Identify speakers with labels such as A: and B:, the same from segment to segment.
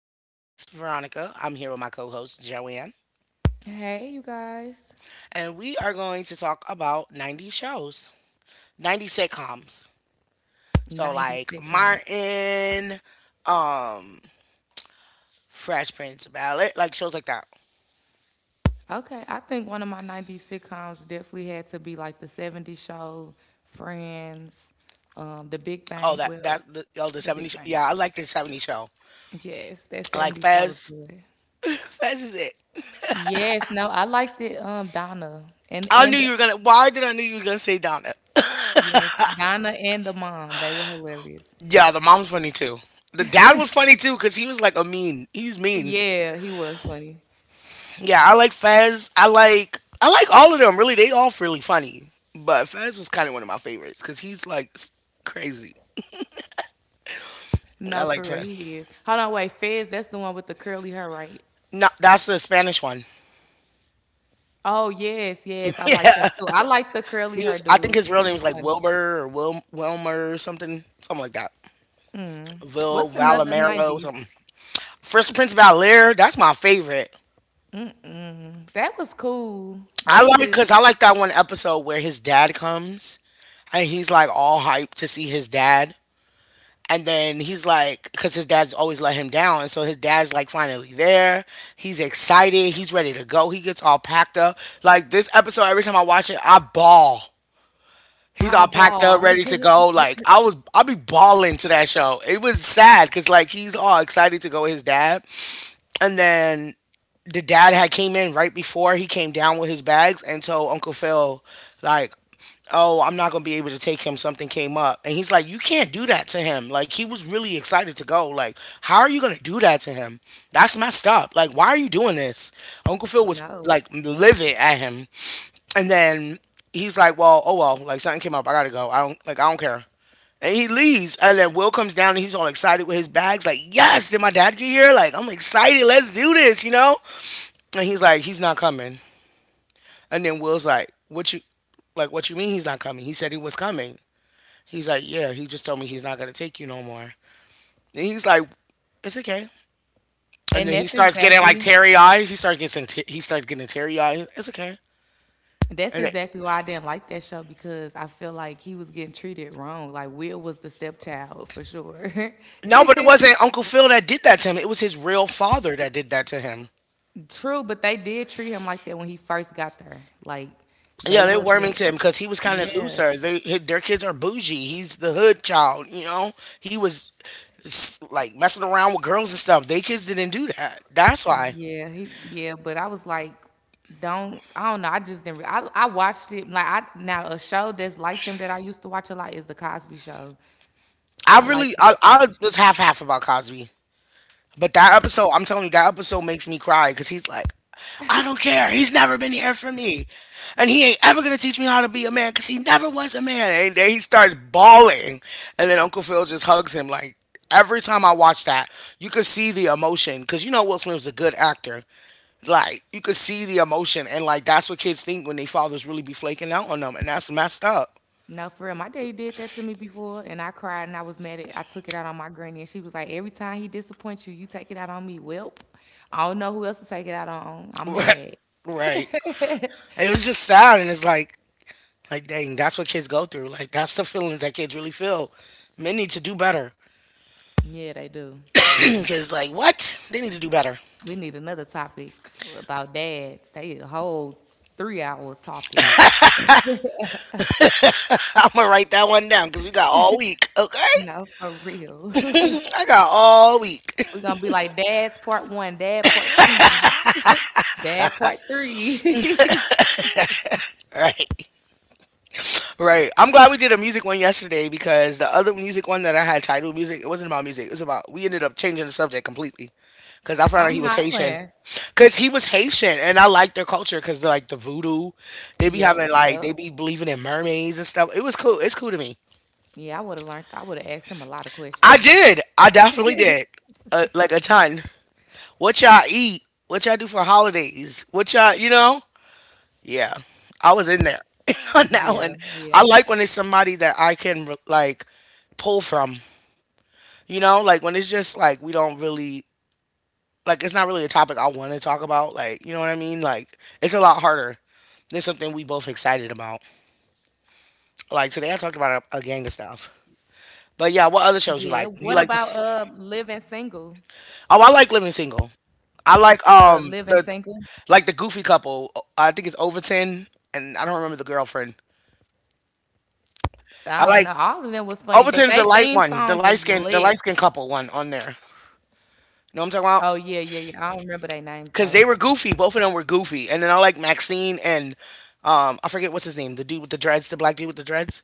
A: I'm your host, Veronica. I'm here with my co host, Joanne,
B: Hey, you guys.
A: and we are going to talk about 90 shows, 90 sitcoms. So,
B: 90s
A: like
B: sitcoms.
A: Martin, um, Fresh Prince of Bel Air, like shows like that.
B: Okay, I think one of my 90s sitcoms definitely had to be like the 70s show, Friends, The Big
A: Oh,
B: Bang.
A: that,
B: Well,
A: that, the, oh, the
B: The
A: 70s
B: Big
A: show.
B: Bang
A: Yeah, I
B: Theory.
A: like the 70s show.
B: Yes, that
A: I like
B: 70s show was
A: Fez.
B: good.
A: Fez is it.
B: Yes, no, I liked it. Donna and
A: I knew
B: and
A: you
B: the,
A: were gonna, Why did I knew you were gonna say Donna?
B: yes, Donna and the mom. They were hilarious.
A: Yeah, the mom's funny too. The dad was funny too because he was like a mean. He was mean.
B: Yeah, he was funny.
A: Yeah, I like Fez. I like all of them. Really, they all really funny. But Fez was kind of one of my favorites because he's like crazy. I
B: No,
A: like
B: for real,
A: Fez.
B: he is. Hold on, wait, Fez. That's the one with the curly hair, right?
A: No, that's the Spanish one.
B: Oh, yes, yes, I liked him too. I liked the curly
A: He
B: hair
A: was. I think
B: dude.
A: his
B: He
A: real name was
B: was
A: like
B: funny.
A: Wilbur or Wilmer or something like that.
B: Mm.
A: Vil
B: What's another
A: Valimero,
B: 90s?
A: something. First Prince of Bel Air. That's my favorite.
B: Mm-mm. That was cool.
A: I
B: They
A: like
B: just
A: Because I like that one episode where his dad comes, and he's like all hyped to see his dad. And then he's like, because his dad's always let him down. And so his dad's like finally there. He's excited. He's ready to go. He gets all packed up. Like this episode, every time I watch it, I ball. He's all packed up,
B: eyeball.
A: ready to go. Like I be balling to that show. It was sad because like he's all excited to go with his dad, and then the dad had came in right before he came down with his bags and told Uncle Phil, like, oh, I'm not gonna be able to take him. Something came up. And he's like, you can't do that to him. Like he was really excited to go. Like, how are you gonna do that to him? That's messed up. Like, why are you doing this? Uncle Phil was
B: No.
A: like livid at him. And then he's like, well, oh well, like something came up, I gotta go. I don't care. And he leaves, and then Will comes down, and he's all excited with his bags, like, "Yes, did my dad get here? Like, I'm excited. Let's do this, you know." And he's like, he's not coming. And then Will's like, like, what you mean he's not coming? He said he was coming. He's like, yeah, he just told me he's not gonna take you no more. And he's like, it's okay. And
B: And
A: then he
B: that's
A: starts getting like
B: exactly
A: teary eyed. He starts getting teary eyed. It's okay.
B: That's
A: And it,
B: exactly why I didn't like that show because I feel like he was getting treated wrong. Like Will was the stepchild for sure.
A: no, but it wasn't Uncle Phil that did that to him. It was his real father that did that to him.
B: True, but they did treat him like that when he first got there. Like they
A: Yeah, they're worming
B: wasn't
A: to him because he was kind of
B: yeah.
A: looser. Their kids are bougie. He's the hood child. You know, he was like messing around with girls and stuff. They kids didn't do that. That's why.
B: Yeah, he yeah, but I was like, don't I don't know. I just didn't. I watched it like I now a show that's like them that I used to watch a lot is the Cosby Show. I liked it, the
A: I
B: Cosby Show.
A: was half about Cosby, but that episode, I'm telling you, that episode makes me cry because he's like, I don't care. He's never been here for me, and he ain't ever gonna teach me how to be a man because he never was a man. And then he starts bawling, and then Uncle Phil just hugs him. Like every time I watch that, you could see the emotion because you know Will Smith was a good actor. Like you could see the emotion, and like that's what kids think when they fathers really be flaking out on them, and that's messed up.
B: No, for real, my daddy did that to me before, and I cried and I was mad at. I took it out on my granny, and she was like, "Every time he disappoints you, you take it out on me." Welp, I don't know who else to take it out on. I'm mad.
A: Right. And it was just sad, and it's like, dang, that's what kids go through. Like, that's the feelings that kids really feel. Men need to do better.
B: Yeah, they do, for real.
A: Because, like, what? They need to do better.
B: We need another topic about dads. They a whole 3 hour topic.
A: I'm gonna write that one down because we got all week. Okay,
B: No, for real.
A: I got all week.
B: We're gonna be like dad's part one, dad part two, dad part three.
A: Right. I'm glad we did a music one yesterday because the other music one that I had titled music, it wasn't about music. We ended up changing the subject completely because I found out
B: I'm
A: he was Haitian.
B: hollering.
A: Because he was Haitian and I like their culture because, they're like, the voodoo, they be
B: Yep,
A: having, like, they
B: yep.
A: be believing in mermaids and stuff. It was cool. It's cool to me.
B: I would have asked him a lot of
A: I
B: questions.
A: did. I definitely did. Like a ton. What y'all eat? What y'all do for holidays? What y'all, you know? Yeah, I was in there on that one.
B: Yeah,
A: I
B: yeah.
A: like when it's somebody that I can like pull from. You know, like when it's just like we don't really like it's not really a topic I want to talk about. Like you know what I mean? Like it's a lot harder than something we both excited about. Like today, I talked about a gang of stuff.
B: Yeah. What
A: But yeah,
B: about
A: what other shows you like?
B: living
A: You like this?
B: single?
A: Oh, I like Living Single. I
B: Living
A: like
B: single?
A: the goofy couple. I think it's Overton and I don't remember the girlfriend. I
B: I don't
A: like
B: know. All of them was funny, but
A: Overton's the
B: they
A: light
B: theme
A: one, the
B: song
A: light
B: was
A: skin, the light
B: lit.
A: skin couple one on there. You know what I'm talking about?
B: Oh yeah, yeah, yeah. I don't remember their names
A: Because
B: though.
A: they were goofy. Both of them were goofy. And then I like Maxine and I forget what's his name, the dude with the dreads, the black dude with the dreads.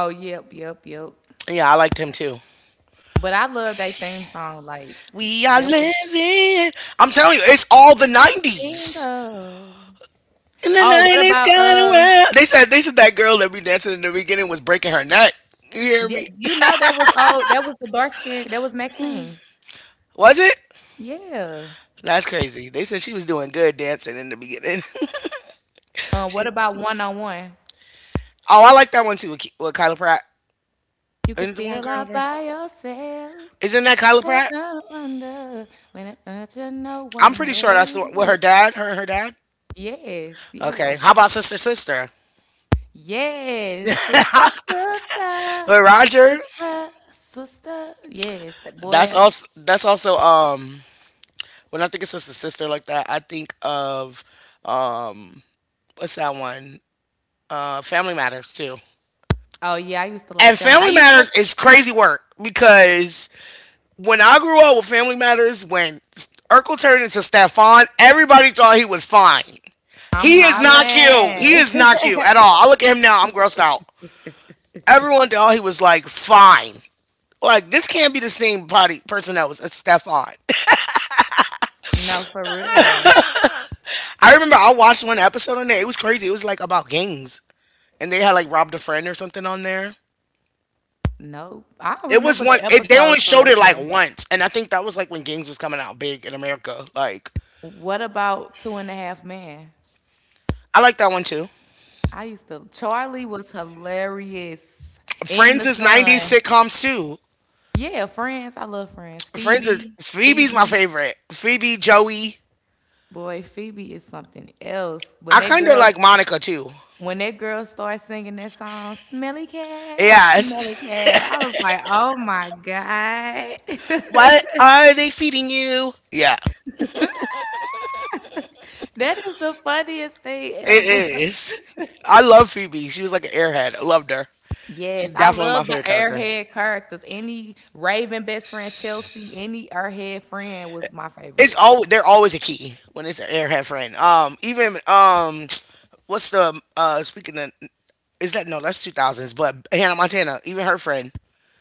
B: Oh yep, yep, yep.
A: Yeah, I liked him too.
B: But I love their theme song. Like
A: We are
B: that was
A: living. I'm telling you, it's all the '90s.
B: Bingo.
A: In the
B: Oh, what
A: '90s,
B: about
A: kind of well. They said that girl that we dancing in the beginning was breaking her neck. You hear
B: yeah,
A: me?
B: you know that was oh that was the dark skin that was Maxine.
A: Was it?
B: Yeah.
A: That's crazy. They said she was doing good dancing in the beginning.
B: What
A: she,
B: about one on one?
A: oh, I like that one too with Kyla Pratt.
B: You could
A: Isn't the one
B: feel
A: with Kyla
B: all
A: Pratt?
B: by yourself.
A: Isn't that Kyla
B: I
A: Pratt?
B: don't wonder when it hurts you no
A: I'm
B: one
A: pretty sure that's the one with her
B: else.
A: dad. Her and her dad.
B: Yes,
A: Okay.
B: yes.
A: How about Sister Sister
B: Yes, sister, sister,
A: with Roger?
B: sister, sister. Yes, that boy.
A: That's
B: I-
A: also that's also um when I think of Sister Sister like that, I think of um what's that one? Family Matters too.
B: Oh yeah, I used to like
A: And
B: feeling. I
A: Family
B: used to.
A: Matters is crazy work because when I grew up with Family Matters, when Urkel turned into Stefan, everybody thought he was fine.
B: I'm
A: He is not cute. He
B: hollering.
A: is not cute at all. I look at him now, I'm grossed out. Everyone thought he was like fine. Like this can't be the same body person that was a Stefan.
B: No, for real.
A: I remember I watched one episode on there. It was crazy. It was like about gangs, and they had like robbed a friend or something on there.
B: Nope. I don't
A: It was
B: remember the
A: one. They only
B: episodes for
A: showed
B: real,
A: it
B: for
A: like
B: real.
A: once, and I think that was like when gangs was coming out big in America. Like
B: What about Two and a Half Men?
A: I like that one too.
B: I used to. Charlie was hilarious. In
A: Friends
B: the
A: is '90s
B: Sun.
A: sitcoms too.
B: Yeah, Friends. I love Friends.
A: Friends is
B: Phoebe.
A: Phoebe's my
B: Phoebe.
A: favorite. Phoebe, Joey.
B: Boy, Phoebe is something else.
A: I kind of like Monica too.
B: When that girl starts singing that song, "Smelly Cat,
A: Yes.
B: Smelly Cat," I was like, "Oh my god,
A: What are they feeding you? Yeah,
B: that is the funniest thing
A: it
B: ever."
A: is. I love Phoebe. She was like an airhead. I loved her. She's
B: Yes, I
A: definitely my
B: love the
A: favorite character.
B: airhead characters. Any Raven best friend, Chelsea, any airhead friend was my
A: It's
B: favorite.
A: all They're always a key when it's an airhead friend. Even, what's the speaking of, is that, no, that's 2000s, but Hannah Montana, even her friend,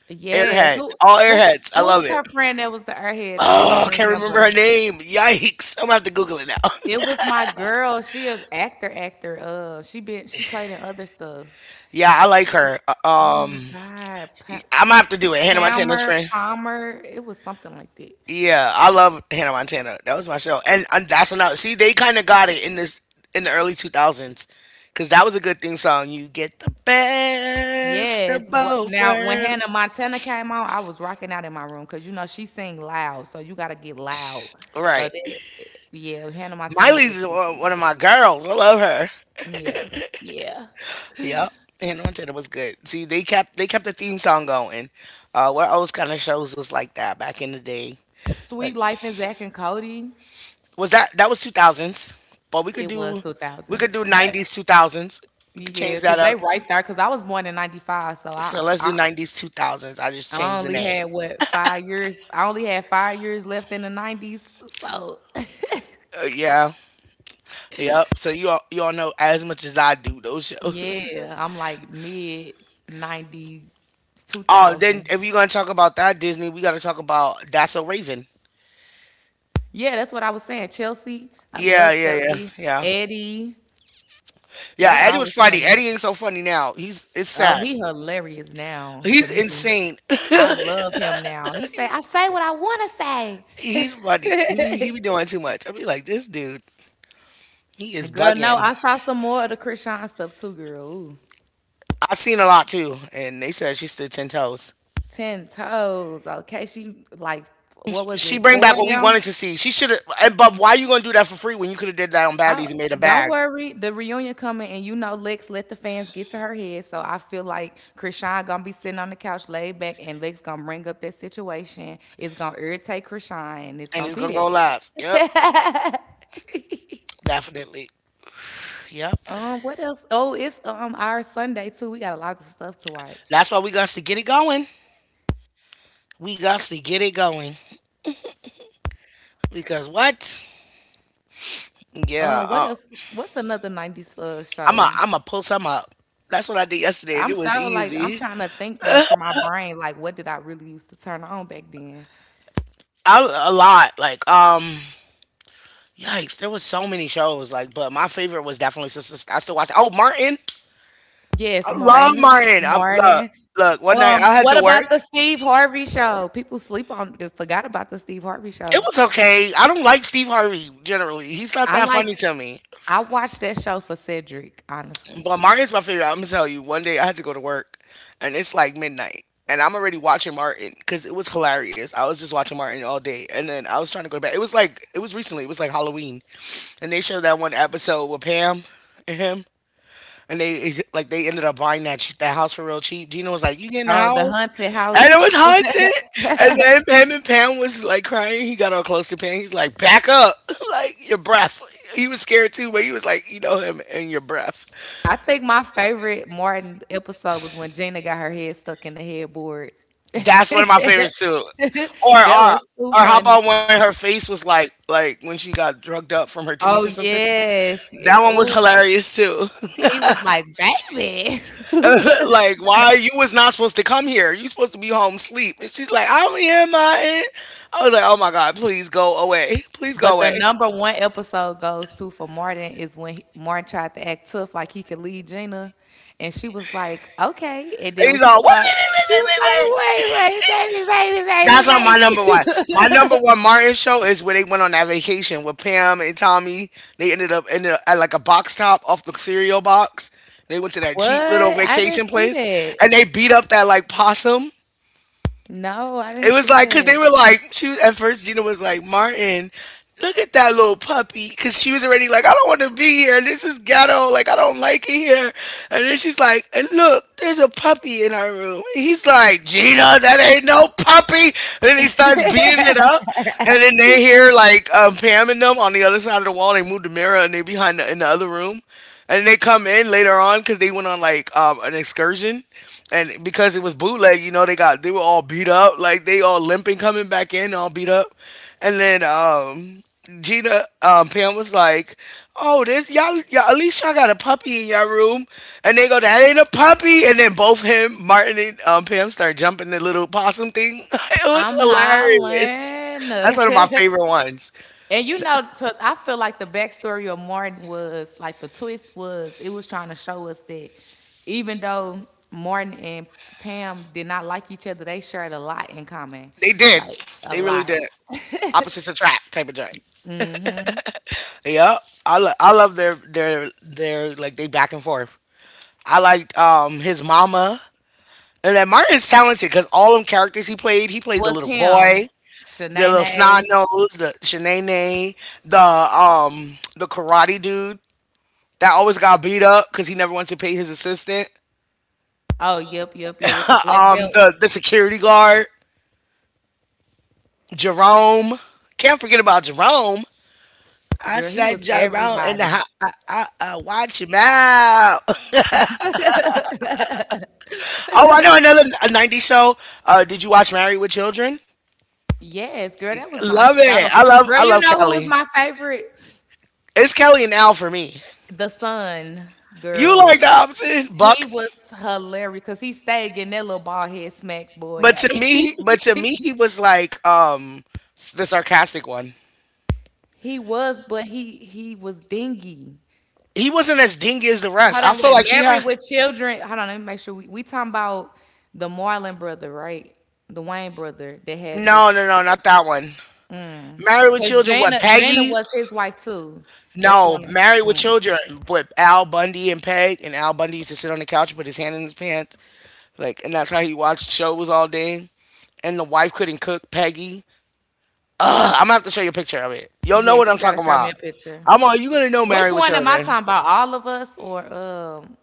B: Yes,
A: airheads,
B: who
A: all
B: who
A: airheads. I
B: who
A: love
B: was
A: it.
B: her friend that was the airhead though? I'm trying
A: Oh, I
B: to
A: can't remember
B: remember.
A: her name. Yikes! I'm gonna have to Google it now.
B: It was my girl. She a actor, actor. She been she played in other stuff.
A: Yeah, I like her.
B: Oh my
A: Um,
B: God, pa-
A: I'm gonna have to do it. Hannah Montana's
B: Palmer,
A: friend.
B: Palmer. It was something like that.
A: Yeah, I love Hannah Montana. That was my show, and that's another. See, they kind of got it in the early 2000s, because that was a good thing song. You get the best
B: Yes.
A: of
B: ro-
A: both
B: Now, when Hannah
A: worlds.
B: Montana came on, I was rocking out in my room because you know she sing loud, so you gotta get loud. So
A: Right.
B: that, yeah, Hannah Montana
A: Miley's
B: was
A: is one of
B: definitely,
A: my girls. I love her.
B: yeah, yeah.
A: Yep. Hannah Montana was good. See, they kept the theme song going. What else kind of shows was like that back in the day? Like
B: Sweet Life and Zach and Cody,
A: Was that that was 2000s? But we could
B: it
A: do
B: was
A: we
B: 2000s,
A: could do
B: but
A: 90s 2000s. We could
B: yeah,
A: change that
B: because they
A: up.
B: right there. Because I was born in '95, so I,
A: So let's do
B: I
A: 90s two thousands. I just
B: I
A: changed the
B: only
A: name.
B: had what 5 years. I only had 5 years left in the '90s, so
A: Yeah. Yep. So you all know as much as I do those shows.
B: yeah, I'm like mid '90s,
A: Oh, then
B: 2000.
A: if you're gonna talk about that Disney, we gotta talk about That's a Raven.
B: Yeah, that's what I was saying. Chelsea, I
A: Yeah,
B: love
A: yeah, yeah,
B: Chelsea.
A: yeah,
B: Eddie,
A: yeah.
B: they
A: Eddie was
B: always
A: funny.
B: funny.
A: Eddie ain't so funny now. He's it's
B: Oh,
A: sad.
B: he hilarious now to
A: He's
B: me.
A: insane.
B: I love him now. He say, I say what I wanna say.
A: He's funny. He be doing too much. I be like, this dude, he is
B: Girl, no,
A: bugging.
B: I saw some more of the Krishan stuff too, girl. Ooh.
A: I seen a lot too, and they said she stood ten toes.
B: Ten toes. Okay, she like what was
A: She
B: it?
A: bring back
B: Four of
A: what we
B: them?
A: wanted to see. She should have. But why you gonna do that for free when you could have did that on
B: Oh,
A: Baddies and made a
B: don't
A: bag
B: worry. The reunion coming, and you know Lex let the fans get to her head. So I feel like Krishan gonna be sitting on the couch, laid back, and Lex gonna bring up that situation. It's gonna irritate Krishan, and it's
A: and
B: gonna
A: it's gonna go
B: be
A: live? Yep,
B: that.
A: definitely. Yep.
B: What else? Oh, it's our Sunday too. We got a lot of stuff to watch.
A: That's why we got to get it going. We got to get it going because what? Yeah.
B: What else? What's another nineties show?
A: I'm a pull some up. That's what I did yesterday, and
B: I'm
A: it was
B: so like I'm
A: easy.
B: trying to think though for my brain, like what did I really used to turn on back then?
A: I, a lot. Yikes! There was so many shows, like, but my favorite was definitely Sister. I still watch. Oh, Martin! I
B: Yes,
A: love
B: Martin.
A: Martin.
B: Martin.
A: Look. One night I had
B: What
A: to
B: about
A: work.
B: the Steve Harvey show? People sleep on they forgot about the Steve Harvey
A: It
B: show.
A: was okay. I don't like Steve Harvey generally. He's not
B: I
A: that
B: like
A: funny to me.
B: I watched that show for Cedric, honestly.
A: But Martin's my favorite. I'm gonna tell you. One day I had to go to work, and it's like midnight, and I'm already watching Martin because it was hilarious. I was just watching Martin all day, and then I was trying to go to bed. It was like it was recently. It was like Halloween, and they showed that one episode with Pam and him. And they like they ended up buying that house for real cheap. Gina was like, "You getting the
B: Oh, the
A: house?"
B: haunted
A: And it
B: house.
A: was haunted. And then Pam was like crying. He got all close to Pam. He's like, "Back up!" like your breath. He was scared too, but he was like, "You know him and your breath."
B: I think my favorite Martin episode was when Gina got her head stuck in the headboard.
A: That's one of my
B: that
A: favorites too. Or or
B: was too
A: or how about
B: funny.
A: when her face was like when she got drugged up from her teeth or
B: Oh
A: something?
B: yes.
A: That one was
B: Oh,
A: hilarious too.
B: he was like, baby.
A: like, why you was not supposed to come here? You supposed to be home sleep. And she's like, I'm here, my I was like, oh my god, please go away, please go
B: But the
A: away.
B: number one episode goes to for Martin is when he, Martin tried to act tough like he could lead Gina, and she was like, "Okay." And then
A: And
B: when
A: he's
B: she
A: all, wait,
B: saw, she was like, "Wait, wait, baby, baby,
A: that's
B: baby,
A: not my number
B: baby."
A: one. My number one Martin show is where they went on that vacation with Pam and Tommy. They ended up at like a box top off the cereal box. They went to that
B: What?
A: cheap little
B: I didn't
A: vacation
B: see
A: place
B: that.
A: and they beat up that like possum.
B: No, I didn't
A: It was
B: see
A: like because
B: that.
A: they were like she was- at first Gina was like Martin, look at that little puppy because she was already like I don't want to be here. This is ghetto. Like I don't like it here. And then she's like, and look, there's a puppy in our room. And he's like, Gina, that ain't no puppy. And then he starts beating it up. And then they hear like Pam and them on the other side of the wall. They move the mirror and they behind the, in the other room and they come in later on because they went on like an excursion, and because it was bootleg, you know, they got they were all beat up, like they all limping coming back in, all beat up, and then Gina Pam was like, "Oh, this y'all, y'all at least y'all got a puppy in y'all room," and they go, "That ain't a puppy," and then both him, Martin, and Pam start jumping the little possum thing. it was
B: I'm
A: hilarious.
B: hollering.
A: That's one of my favorite ones.
B: And you know, to, I feel like the backstory of Martin was like the twist was it was trying to show us that even though Martin and Pam did not like each other, they shared a lot in common,
A: They did.
B: like a
A: They really
B: lot.
A: did. Opposites attract type of joint.
B: Mm-hmm.
A: Yeah, I love their like they back and forth. I liked his mama, and then Martin's talented because all them characters he played the
B: Was
A: little boy,
B: him,
A: the little snot
B: Shanae?
A: nose, the Shanae, the karate dude that always got beat up because he never wants to pay his assistant.
B: Oh, yep, yep, yep. With the black belt,
A: The security guard, Jerome. Can't forget about Jerome. I
B: girl, he
A: said
B: was
A: Jerome, and
B: everybody.
A: I watch him out. Oh, I know another a '90s show. Did you watch Married with Children?
B: Yes, girl, that was my
A: Love
B: show.
A: it.
B: Girl,
A: I
B: you
A: love
B: know who was
A: Kelly.
B: my favorite?
A: It's Kelly and Al for me.
B: The son,
A: You like
B: girl.
A: the opposite,
B: He
A: Buck.
B: was hilarious because he stayed getting that little bald head smack boy.
A: But to me, he was like the sarcastic one.
B: he was, but he was dingy.
A: He wasn't as dingy as the rest.
B: Hold
A: I
B: on,
A: feel
B: wait.
A: like he had
B: Married with children. Hold on, let me make sure we talking about the Marlon brother, right? The Wayne brother that had this
A: no, no, no, not that one. Married with
B: because
A: Children. What
B: Jana
A: Peggy?
B: was his wife too. That's the
A: No,
B: one.
A: Married with
B: Mm.
A: Children with Al Bundy and Peg. And Al Bundy used to sit on the couch, and put his hand in his pants, like, and that's how he watched shows all day. And the wife couldn't cook. Peggy. Ugh, I'm gonna have to show you a picture of it. You'll know what
B: Yes,
A: I'm
B: you gotta
A: talking
B: show me
A: about.
B: a picture.
A: I'm all you gonna know
B: Which
A: Married with
B: one am I
A: Children.
B: talking about? All of us or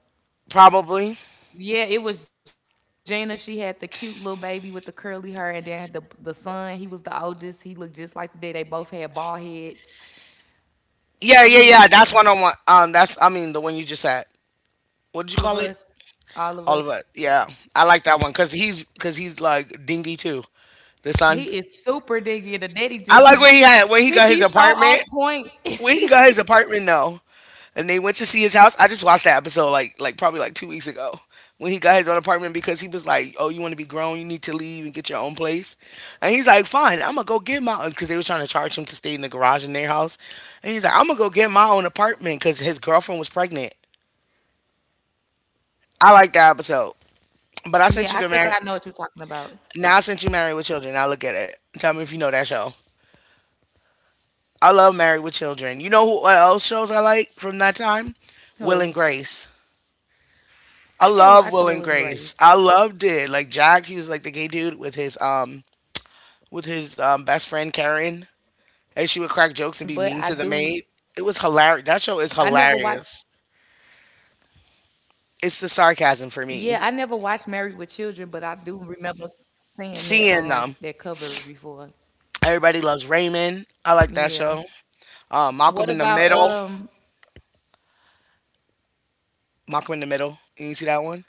A: Probably.
B: yeah, it was Gina. She had the cute little baby with the curly hair, and then the son. He was the oldest. He looked just like the dad. They both had bald heads.
A: Yeah, yeah, yeah.
B: Ooh,
A: That's one on one. That's I mean the one you just had. What did
B: all
A: you
B: of
A: call it?
B: us, all of
A: All of
B: us.
A: it. Yeah, I like
B: Mm.
A: that one because he's like dingy too. The son.
B: He is super diggy. The daddy
A: I
B: just
A: like
B: be
A: when he
B: he
A: got
B: be
A: his
B: so on
A: apartment.
B: point.
A: When he got his apartment, no. And they went to see his house. I just watched that episode like probably like 2 weeks ago when he got his own apartment because he was like, "Oh, you want to be grown? You need to leave and get your own place." And he's like, "Fine, I'm gonna go get my own," because they were trying to charge him to stay in the garage in their house. And he's like, "I'm gonna go get my own apartment because his girlfriend was pregnant." I like that episode, but I sent
B: yeah,
A: you
B: I
A: to
B: think
A: marry.
B: I know what you're talking about.
A: Now I sent you Married with Children. Now look at it. Tell me if you know that show. I love Married with Children. You know who what else shows I like from that time? Will
B: Who?
A: and Grace.
B: I didn't
A: I
B: watch Real and
A: love Will and
B: Grace.
A: Grace. I loved it. Like Jack, he was like the gay dude with his best friend
B: Oh, I never
A: Karen,
B: watched Married with
A: and she would
B: Children,
A: crack
B: but
A: jokes
B: I
A: and be mean
B: do.
A: to the maid. It was hilarious. That
B: I
A: show is
B: never watched.
A: hilarious. It's the sarcasm for
B: Yeah,
A: me.
B: I never watched Married with Children, but I do remember seeing that
A: Seeing them.
B: that cover before.
A: Everybody loves Raymond. I like that
B: Yeah.
A: show.
B: What
A: Malcolm in the
B: about
A: Middle. Malcolm in the Middle. You didn't see that one?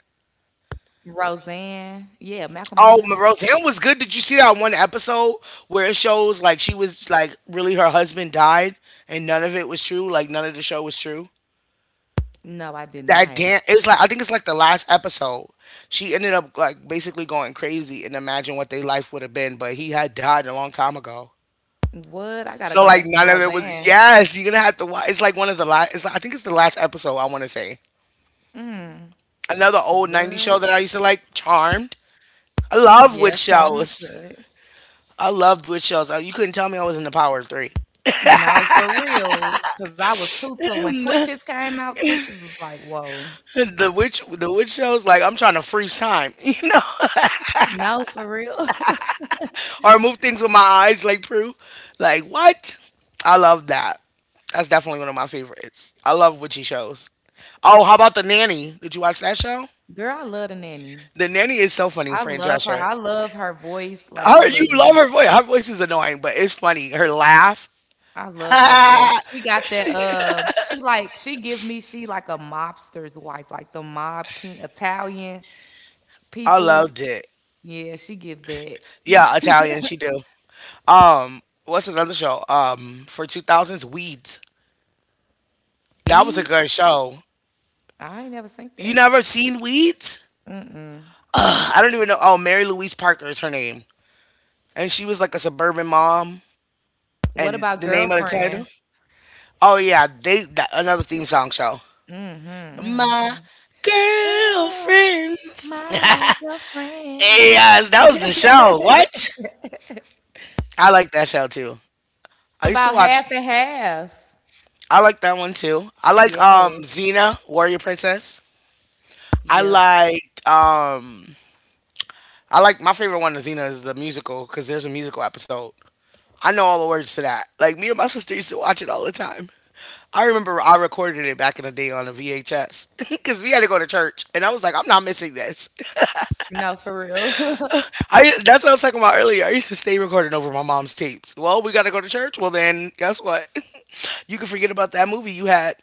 B: Roseanne? Yeah, Malcolm in the
A: Oh, Ma-
B: Middle.
A: Roseanne was good. Did you see that one episode where it shows like she was like really her husband died and none of it was true? Like none of the show was true.
B: No, I did
A: That
B: not.
A: damn it was like I think it's like the last episode. She ended up like basically going crazy and imagine what their life would have been, but he had died a long time ago.
B: What? I gotta
A: So
B: go
A: like
B: back to
A: none of it was
B: Roseanne.
A: yes, you're gonna have to watch it's like one of the last it's like, I think it's the last episode I wanna say.
B: Mm.
A: Another old 90s show
B: What?
A: that I used to like, Charmed. I love witch
B: Yeah, Charmer's
A: shows.
B: good.
A: I loved witch shows. You couldn't tell me I was in the power of three.
B: No, for real. Cause I was too when
A: the
B: Twitches came out. Twitches was like, whoa.
A: the witch shows, like I'm trying to freeze time, you know,
B: No, for real.
A: or move things with my eyes like Prue. Like what? I love that. That's definitely one of my favorites. I love witchy shows. Oh, how about the nanny? Did you watch that show?
B: Girl, I love the nanny.
A: The nanny is so funny,
B: I
A: Fran
B: love her.
A: Drescher.
B: I love her voice. Like I
A: Her, you
B: love the
A: love
B: nanny.
A: her voice. Her voice is annoying, but it's funny. Her laugh.
B: I love her
A: I
B: voice. She got that she like she give me she like a mobster's wife, like the mob king Italian people.
A: loved it.
B: Yeah, she give that.
A: Yeah, Italian, she do. What's another show? For two thousands, Weeds. That was a
B: Beads?
A: good show.
B: I ain't never seen
A: You
B: that.
A: never seen Weeds?
B: Mm-mm.
A: I don't even know. Oh, Mary Louise Parker is her name, and she was like a suburban mom.
B: What
A: And the
B: about
A: name of the title?
B: girlfriends?
A: Oh yeah, they that, another theme song show.
B: Mm-hmm.
A: My
B: mm-hmm. Girl,
A: girlfriends.
B: my girlfriend.
A: yes, that was the show. What? I like that show too. I
B: What
A: used to
B: about
A: watch.
B: half and half?
A: I like that one too. I like
B: Yeah.
A: Xena, Warrior Princess. I
B: Yep.
A: liked I like my favorite one of Xena is the musical because there's a musical episode. I know all the words to that. Like me and my sister used to watch it all the time. I remember I recorded it back in the day on a VHS because we had to go to church, and I was like, I'm not missing this.
B: No, for real.
A: I that's what I was talking about earlier. I used to stay recording over my mom's tapes. Well, we gotta go to church. Well, then guess what? You can forget about that movie you had.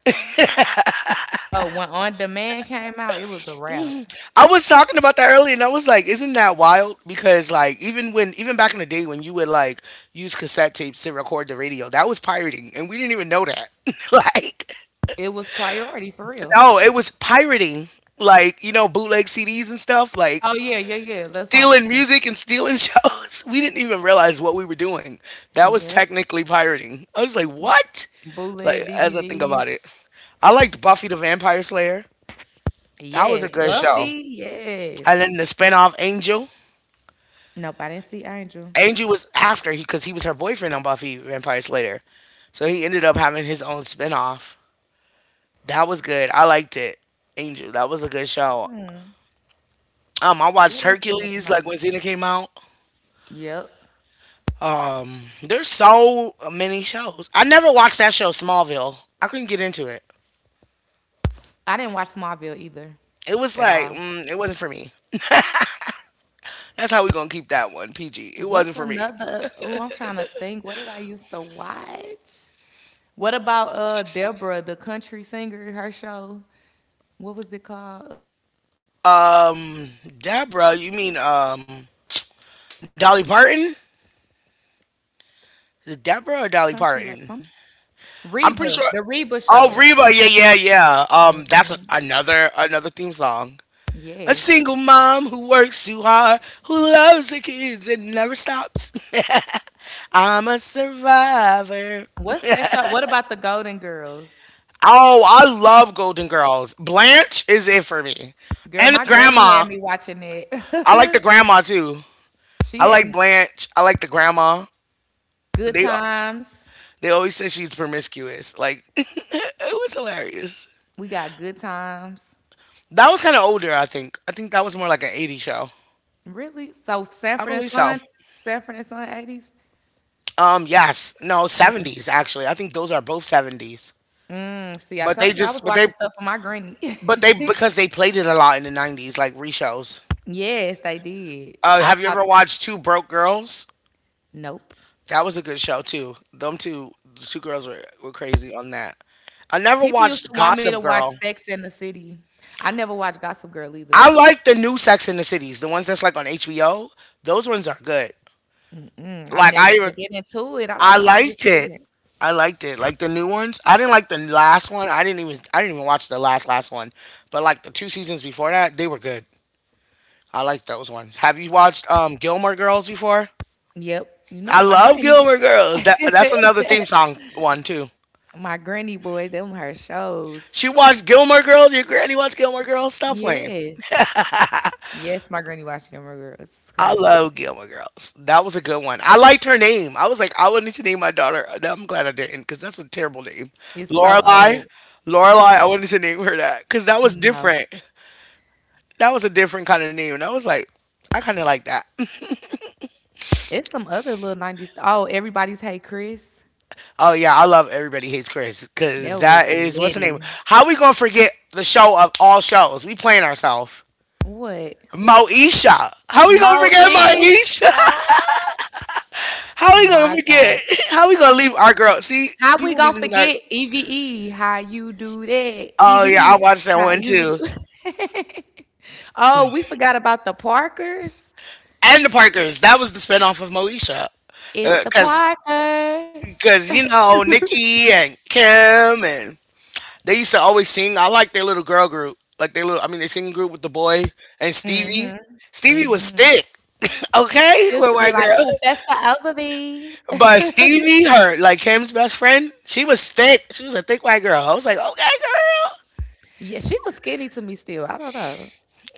B: Oh, when On Demand came out, it was a wrap.
A: I was talking about that earlier, and I was like, "Isn't that wild?" Because like even when even back in the day when you would like use cassette tapes to record the radio, that was pirating, and we didn't even know that. like
B: It was priority for real.
A: no, it was pirating. Like you know bootleg CDs and stuff. Like
B: Oh yeah, yeah, yeah. That's what I'm
A: stealing
B: saying.
A: music and stealing shows. We didn't even realize what we were doing. That was
B: Yep.
A: technically pirating. I was like, what?
B: Bootleg
A: Like as I think about it,
B: DVDs.
A: I liked Buffy the Vampire Slayer. That was a
B: Yes.
A: good show.
B: Buffy.
A: And then
B: Yes.
A: the spinoff Angel.
B: Nope. I didn't see Angel.
A: Angel was after he because he was her boyfriend on Buffy Vampire Slayer, so he ended up having his own spinoff. That was good. I liked it. Angel. That was a good show.
B: Hmm.
A: I watched
B: What else was another
A: Hercules like
B: nineties?
A: when Xena came out.
B: Yep.
A: There's so many shows. I never watched that show Smallville. I couldn't get into it.
B: I didn't watch Smallville either
A: It was
B: at
A: like
B: all.
A: it wasn't for me. That's how we gonna keep that one PG. It
B: What's
A: wasn't for me.
B: another? Oh, I'm trying to think. What did I used to watch? What about Deborah, the country singer, her show? What was it called?
A: Um, Deborah, you
B: Oh, she
A: mean
B: was the country lady,
A: Dolly
B: the country
A: Parton?
B: singer, Deborah.
A: Is
B: Red
A: it
B: Deborah
A: Deborah or Dolly
B: Cox
A: Parton?
B: something.
A: I'm
B: Reba,
A: pretty sure.
B: the Reba
A: Oh,
B: show.
A: Reba, yeah, yeah, yeah.
B: Mm,
A: That's another theme song. A
B: Yes.
A: single mom who works too hard, who loves her kids and never stops. I'm a survivor.
B: What's that show? What about the Golden Girls?
A: Oh, I love Golden Girls. Blanche is it for me,
B: Girl,
A: and
B: my
A: the
B: granny
A: grandma.
B: had me watching it.
A: I like the grandma too.
B: she
A: I
B: had
A: like
B: me-
A: Blanche. I like the grandma.
B: good
A: They
B: times.
A: They always said she's promiscuous. Like it was hilarious.
B: We got good times.
A: That was kind of older, I think. I think that was more like an 80 show.
B: Really? So
A: I believe so.
B: Sanford and Son 80s?
A: Yes. No, 70s actually. I think those are both 70s.
B: Mm, see, I
A: But they
B: told you I
A: just
B: was watching stuff for my granny.
A: but they Because they played it a lot in the 90s like reshows.
B: yes, they did. I
A: Have you
B: thought,
A: ever watched Two Broke Girls?
B: nope.
A: That was a good show too. The two girls were crazy on that. I never
B: People used to
A: watched
B: want me to
A: Gossip
B: watch
A: Girl.
B: Sex in the City. I never watched Gossip Girl either.
A: I like the new Sex in the Cities, the ones that's like on HBO. Those ones are good.
B: Mm, I
A: Like
B: never
A: I
B: could
A: even
B: get into it. I don't
A: I
B: know. I just
A: liked it.
B: couldn't.
A: I liked it. Like the new ones. I didn't like the last one. I didn't even watch the last one. But like the two seasons before that, they were good. I liked those ones. Have you watched Gilmore Girls before?
B: Yep. You know,
A: I
B: my
A: love
B: granny.
A: Gilmore Girls. That that's another theme song one too.
B: My granny boys, them her shows.
A: She watched Gilmore Girls. Your granny watched Gilmore Girls. Stop playing.
B: Yes. Yes, my granny watching Gilmore Girls. It's
A: I
B: crazy.
A: love Gilmore Girls. That was a good one. I liked her name. I was like, I would need to name my daughter. No, I'm glad I didn't because that's a terrible name.
B: It's so
A: Lorelai.
B: old.
A: Lorelai.
B: Mm,
A: I wanted to name her that because that was
B: no.
A: different. That was a different kind of name. And I was like, I kind of like that.
B: It's some other little 90s. Oh, everybody's Hey Chris.
A: Oh, yeah. I love Everybody Hates Chris because
B: That
A: that
B: was
A: is what's the name?
B: Liddy.
A: How we going to forget the show of all shows? We playing ourselves.
B: What?
A: Moesha. How we
B: Mo
A: gonna forget Moesha?
B: Ah,
A: How we gonna
B: My
A: forget?
B: God.
A: How we gonna leave our girl? See,
B: How we
A: people be
B: gonna
A: leaving our
B: forget EVE? How you do that?
A: Oh yeah, I
B: Eve,
A: watched that
B: how
A: one
B: you
A: too.
B: do? Oh, we forgot about the Parkers.
A: And the Parkers. That was the spinoff of Moesha.
B: It's
A: Uh,
B: the
A: cause,
B: Parkers.
A: cause you know Nikki and Kim and they used to always sing. I like their little girl group, like their little. I mean, their singing group with the boy and Stevie.
B: Mhm.
A: Stevie was
B: Mhm.
A: thick,
B: She
A: okay,
B: used to
A: with
B: be
A: white
B: like
A: girl.
B: Professor Ogilvy.
A: But Stevie, her like Kim's best friend, she was thick. She was a thick white girl. I was like, okay, girl,
B: Yeah, she was skinny to me still. I don't know.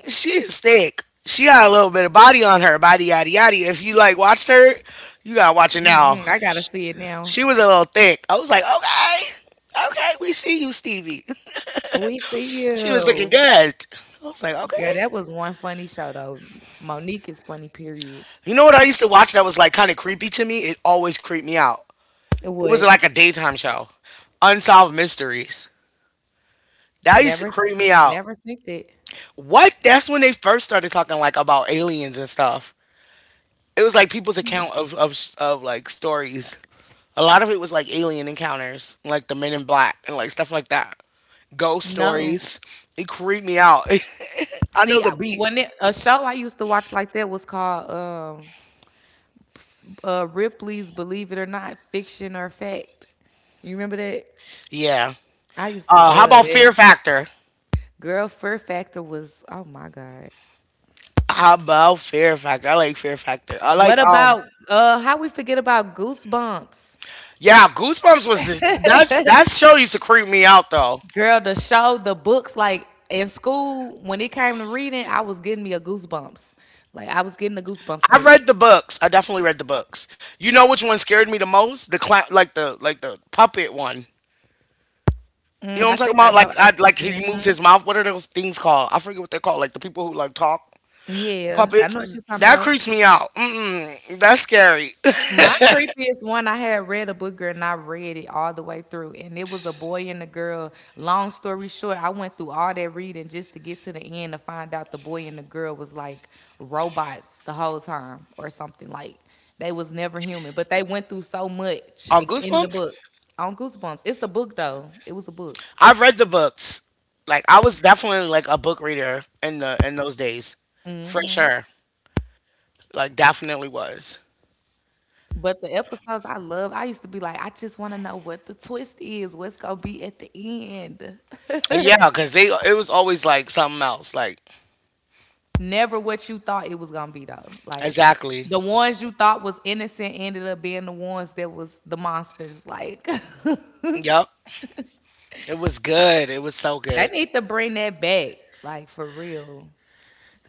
A: she is thick. She got a little bit of body on her, body yada yada. If you like watched her, you gotta watch it now.
B: Mm-mm, I gotta see it now.
A: She was a little thick. I was like, okay, okay, we see you, Stevie.
B: We see
A: She was looking
B: you.
A: good. I was like,
B: Yeah,
A: okay.
B: that was one funny show though. Monique is funny, period.
A: You know what I used to watch that was like kind of creepy to me? It always creeped me out.
B: It
A: It was
B: would
A: like a daytime show, Unsolved Mysteries. That used
B: never
A: to
B: s-
A: creep me out.
B: never think that.
A: What? That's when they first started talking like about aliens and stuff. It was like people's account of like stories. A lot of it was like alien encounters, like the Men in Black and like stuff like that. Ghost
B: No.
A: stories. It creeped me out. I know
B: See,
A: the beat.
B: a show I used to watch like that was called Ripley's Believe It or Not, Fiction or Fact. You remember that?
A: Yeah.
B: I used to
A: How
B: love
A: about
B: that.
A: Fear Factor?
B: Girl, Fear Factor was, oh my God.
A: How about Fear Factor? I like Fear Factor. I like
B: What
A: um.
B: about, how we forget about Goosebumps?
A: Yeah, Goosebumps was the that's that show used to creep me out though.
B: Girl, the show, the books, like in school, when it came to reading, I was getting me a Goosebumps. Like I was getting the Goosebumps
A: I
B: book.
A: read the books. I definitely read the books. You know which one scared me the most? The clown, like the puppet one. You
B: Mm,
A: know what I'm
B: I
A: talking
B: think I
A: about?
B: know.
A: Like
B: I,
A: I like he moves
B: mhm.
A: his mouth. What are those things called? I forget what they're called. Like the people who like talk
B: Yeah, I
A: puppets.
B: know what you're talking
A: That
B: about.
A: creeps me out. Mm-mm, that's scary.
B: My creepiest one, I had read a book, girl, and I read it all the way through. And it was a boy and a girl. Long story short, I went through all that reading just to get to the end to find out the boy and the girl was like robots the whole time or something. Like they was never human, but they went through so much
A: On
B: in the
A: Goosebumps?
B: book on Goosebumps. It's a book though. It was a book.
A: I have read the books. Like I was definitely like a book reader in those days, for
B: Hmm.
A: sure. Like definitely was.
B: But the episodes I love, I used to be like, I just want to know what the twist is. What's gonna be at the end?
A: Yeah, cause they it was always like something else. Like
B: Never what you thought it was gonna be though. Like
A: exactly.
B: the ones you thought was innocent ended up being the ones that was the monsters. Like
A: Yep. It was good. It was so
B: they
A: good.
B: need to bring that back. Like for real.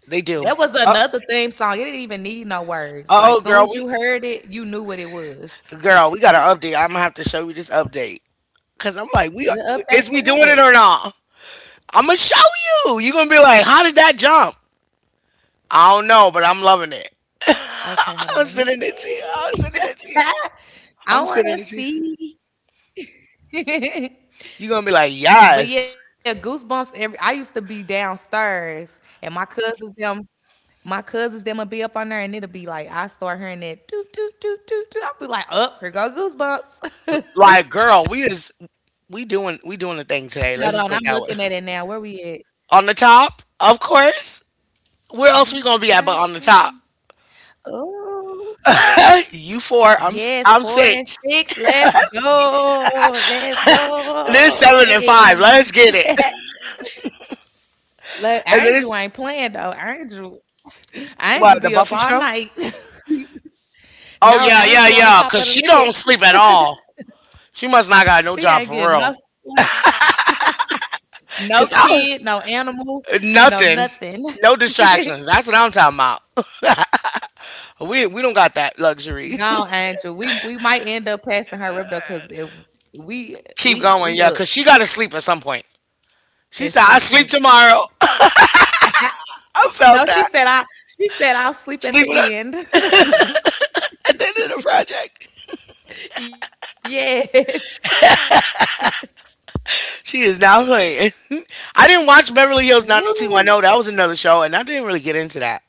A: They do.
B: That was
A: Uh
B: another theme song. It didn't even need no words. Like
A: oh,
B: soon as
A: girl,
B: you
A: we
B: heard it, you knew what it was.
A: girl, we got an update. I'm gonna have to show you this update. Cause I'm like, we
B: The update
A: is
B: for
A: we doing
B: what?
A: it or not? I'm gonna show you. You're gonna be like, how did that jump? I don't know, but
B: Okay,
A: I'm
B: hold on.
A: loving
B: Let me
A: it.
B: see.
A: I'm sending it to you. I'm
B: I
A: sending
B: want
A: it
B: to
A: to you.
B: see.
A: I'm sending it to you.
B: But yeah,
A: You're gonna be
B: Goosebumps.
A: like,
B: Every I used to
A: yes.
B: be downstairs, and my cousins them will be up on there, and it'll be like I start hearing that do do do do do. I'll be like, up here go Goosebumps.
A: Like, girl, we is
B: Hold
A: we
B: on, I'm
A: doing the thing
B: looking at it
A: today. Let's
B: now.
A: just
B: Where
A: put it
B: we
A: that way.
B: at?
A: On the top, of course.
B: It
A: Where
B: ain't
A: else we gonna be
B: showing.
A: at but on the top?
B: Oh
A: You
B: yes,
A: four,
B: four and
A: I'm
B: six.
A: six.
B: Let's go. Let's go.
A: There's seven and
B: Hey.
A: five. Let's get it.
B: Look, Angel
A: And
B: ain't
A: this
B: playing though. Angel. Angel be up
A: what,
B: all
A: the Buffy
B: night.
A: show?
B: No,
A: Oh
B: Angel
A: yeah,
B: on the
A: yeah,
B: top of
A: yeah.
B: the
A: Cause she
B: list.
A: don't sleep at all. She must not
B: She
A: got no
B: ain't
A: job
B: getting
A: for
B: no
A: real.
B: sleep. No
A: Cause I
B: kid, no animal, no
A: Nothing,
B: nothing.
A: no distractions. That's what I'm talking about. We don't got that luxury.
B: Gone, Angel. We might end up passing her up though, cause if
A: Keep going,
B: we
A: yeah.
B: up
A: Cause she gotta sleep at some point. She
B: at
A: said, I
B: some
A: sleep
B: point.
A: tomorrow. I felt
B: No,
A: that.
B: She said I'll sleep at
A: Sleeping at
B: the end.
A: at the end of the project.
B: Yes.
A: She is now playing. I didn't watch Beverly Hills
B: Woo.
A: 90210. That was another show, and I didn't really get into that.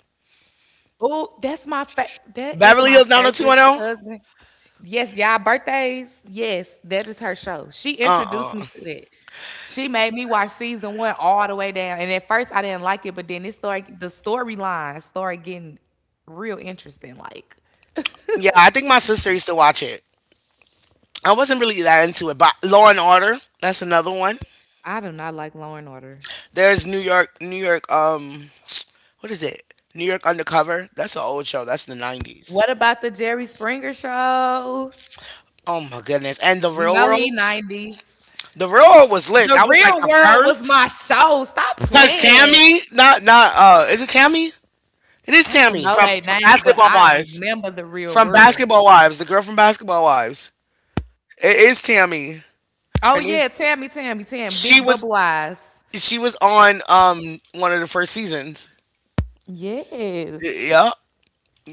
B: Oh, that's that is
A: Beverly
B: my
A: Hills
B: favorite
A: 90210?
B: cousin. Yes, y'all birthdays. Yes, that is her show. She
A: Uh
B: introduced me
A: uh
B: to that. She made me watch season one all the way down, and at first I didn't like it, but then it started. The storyline started getting real interesting. Like
A: Yeah, I think my sister used to watch it. I wasn't really that into it, but Law and Order, that's another one.
B: I do not like Law and Order.
A: There's New York, what is it? New York Undercover. That's an old show. That's the 90s.
B: What about the Jerry Springer show?
A: Oh my goodness. And The
B: You
A: Real
B: know he
A: World?
B: 90s.
A: The Real World was lit.
B: The
A: That was like
B: Real
A: the
B: World was
A: first.
B: my show. Stop
A: Cause
B: playing.
A: Tammy, not not is it Tammy? It is
B: I don't
A: Tammy
B: know they
A: from
B: names, but
A: Basketball
B: I
A: Wives.
B: remember the Real
A: From
B: World.
A: Basketball Wives, the girl from Basketball Wives. It is Tammy.
B: Oh
A: Her name's
B: yeah, Tammy, Tammy, Tam,
A: she
B: Big Bubble Eyes.
A: was on one of the first seasons.
B: Yes.
A: Yeah,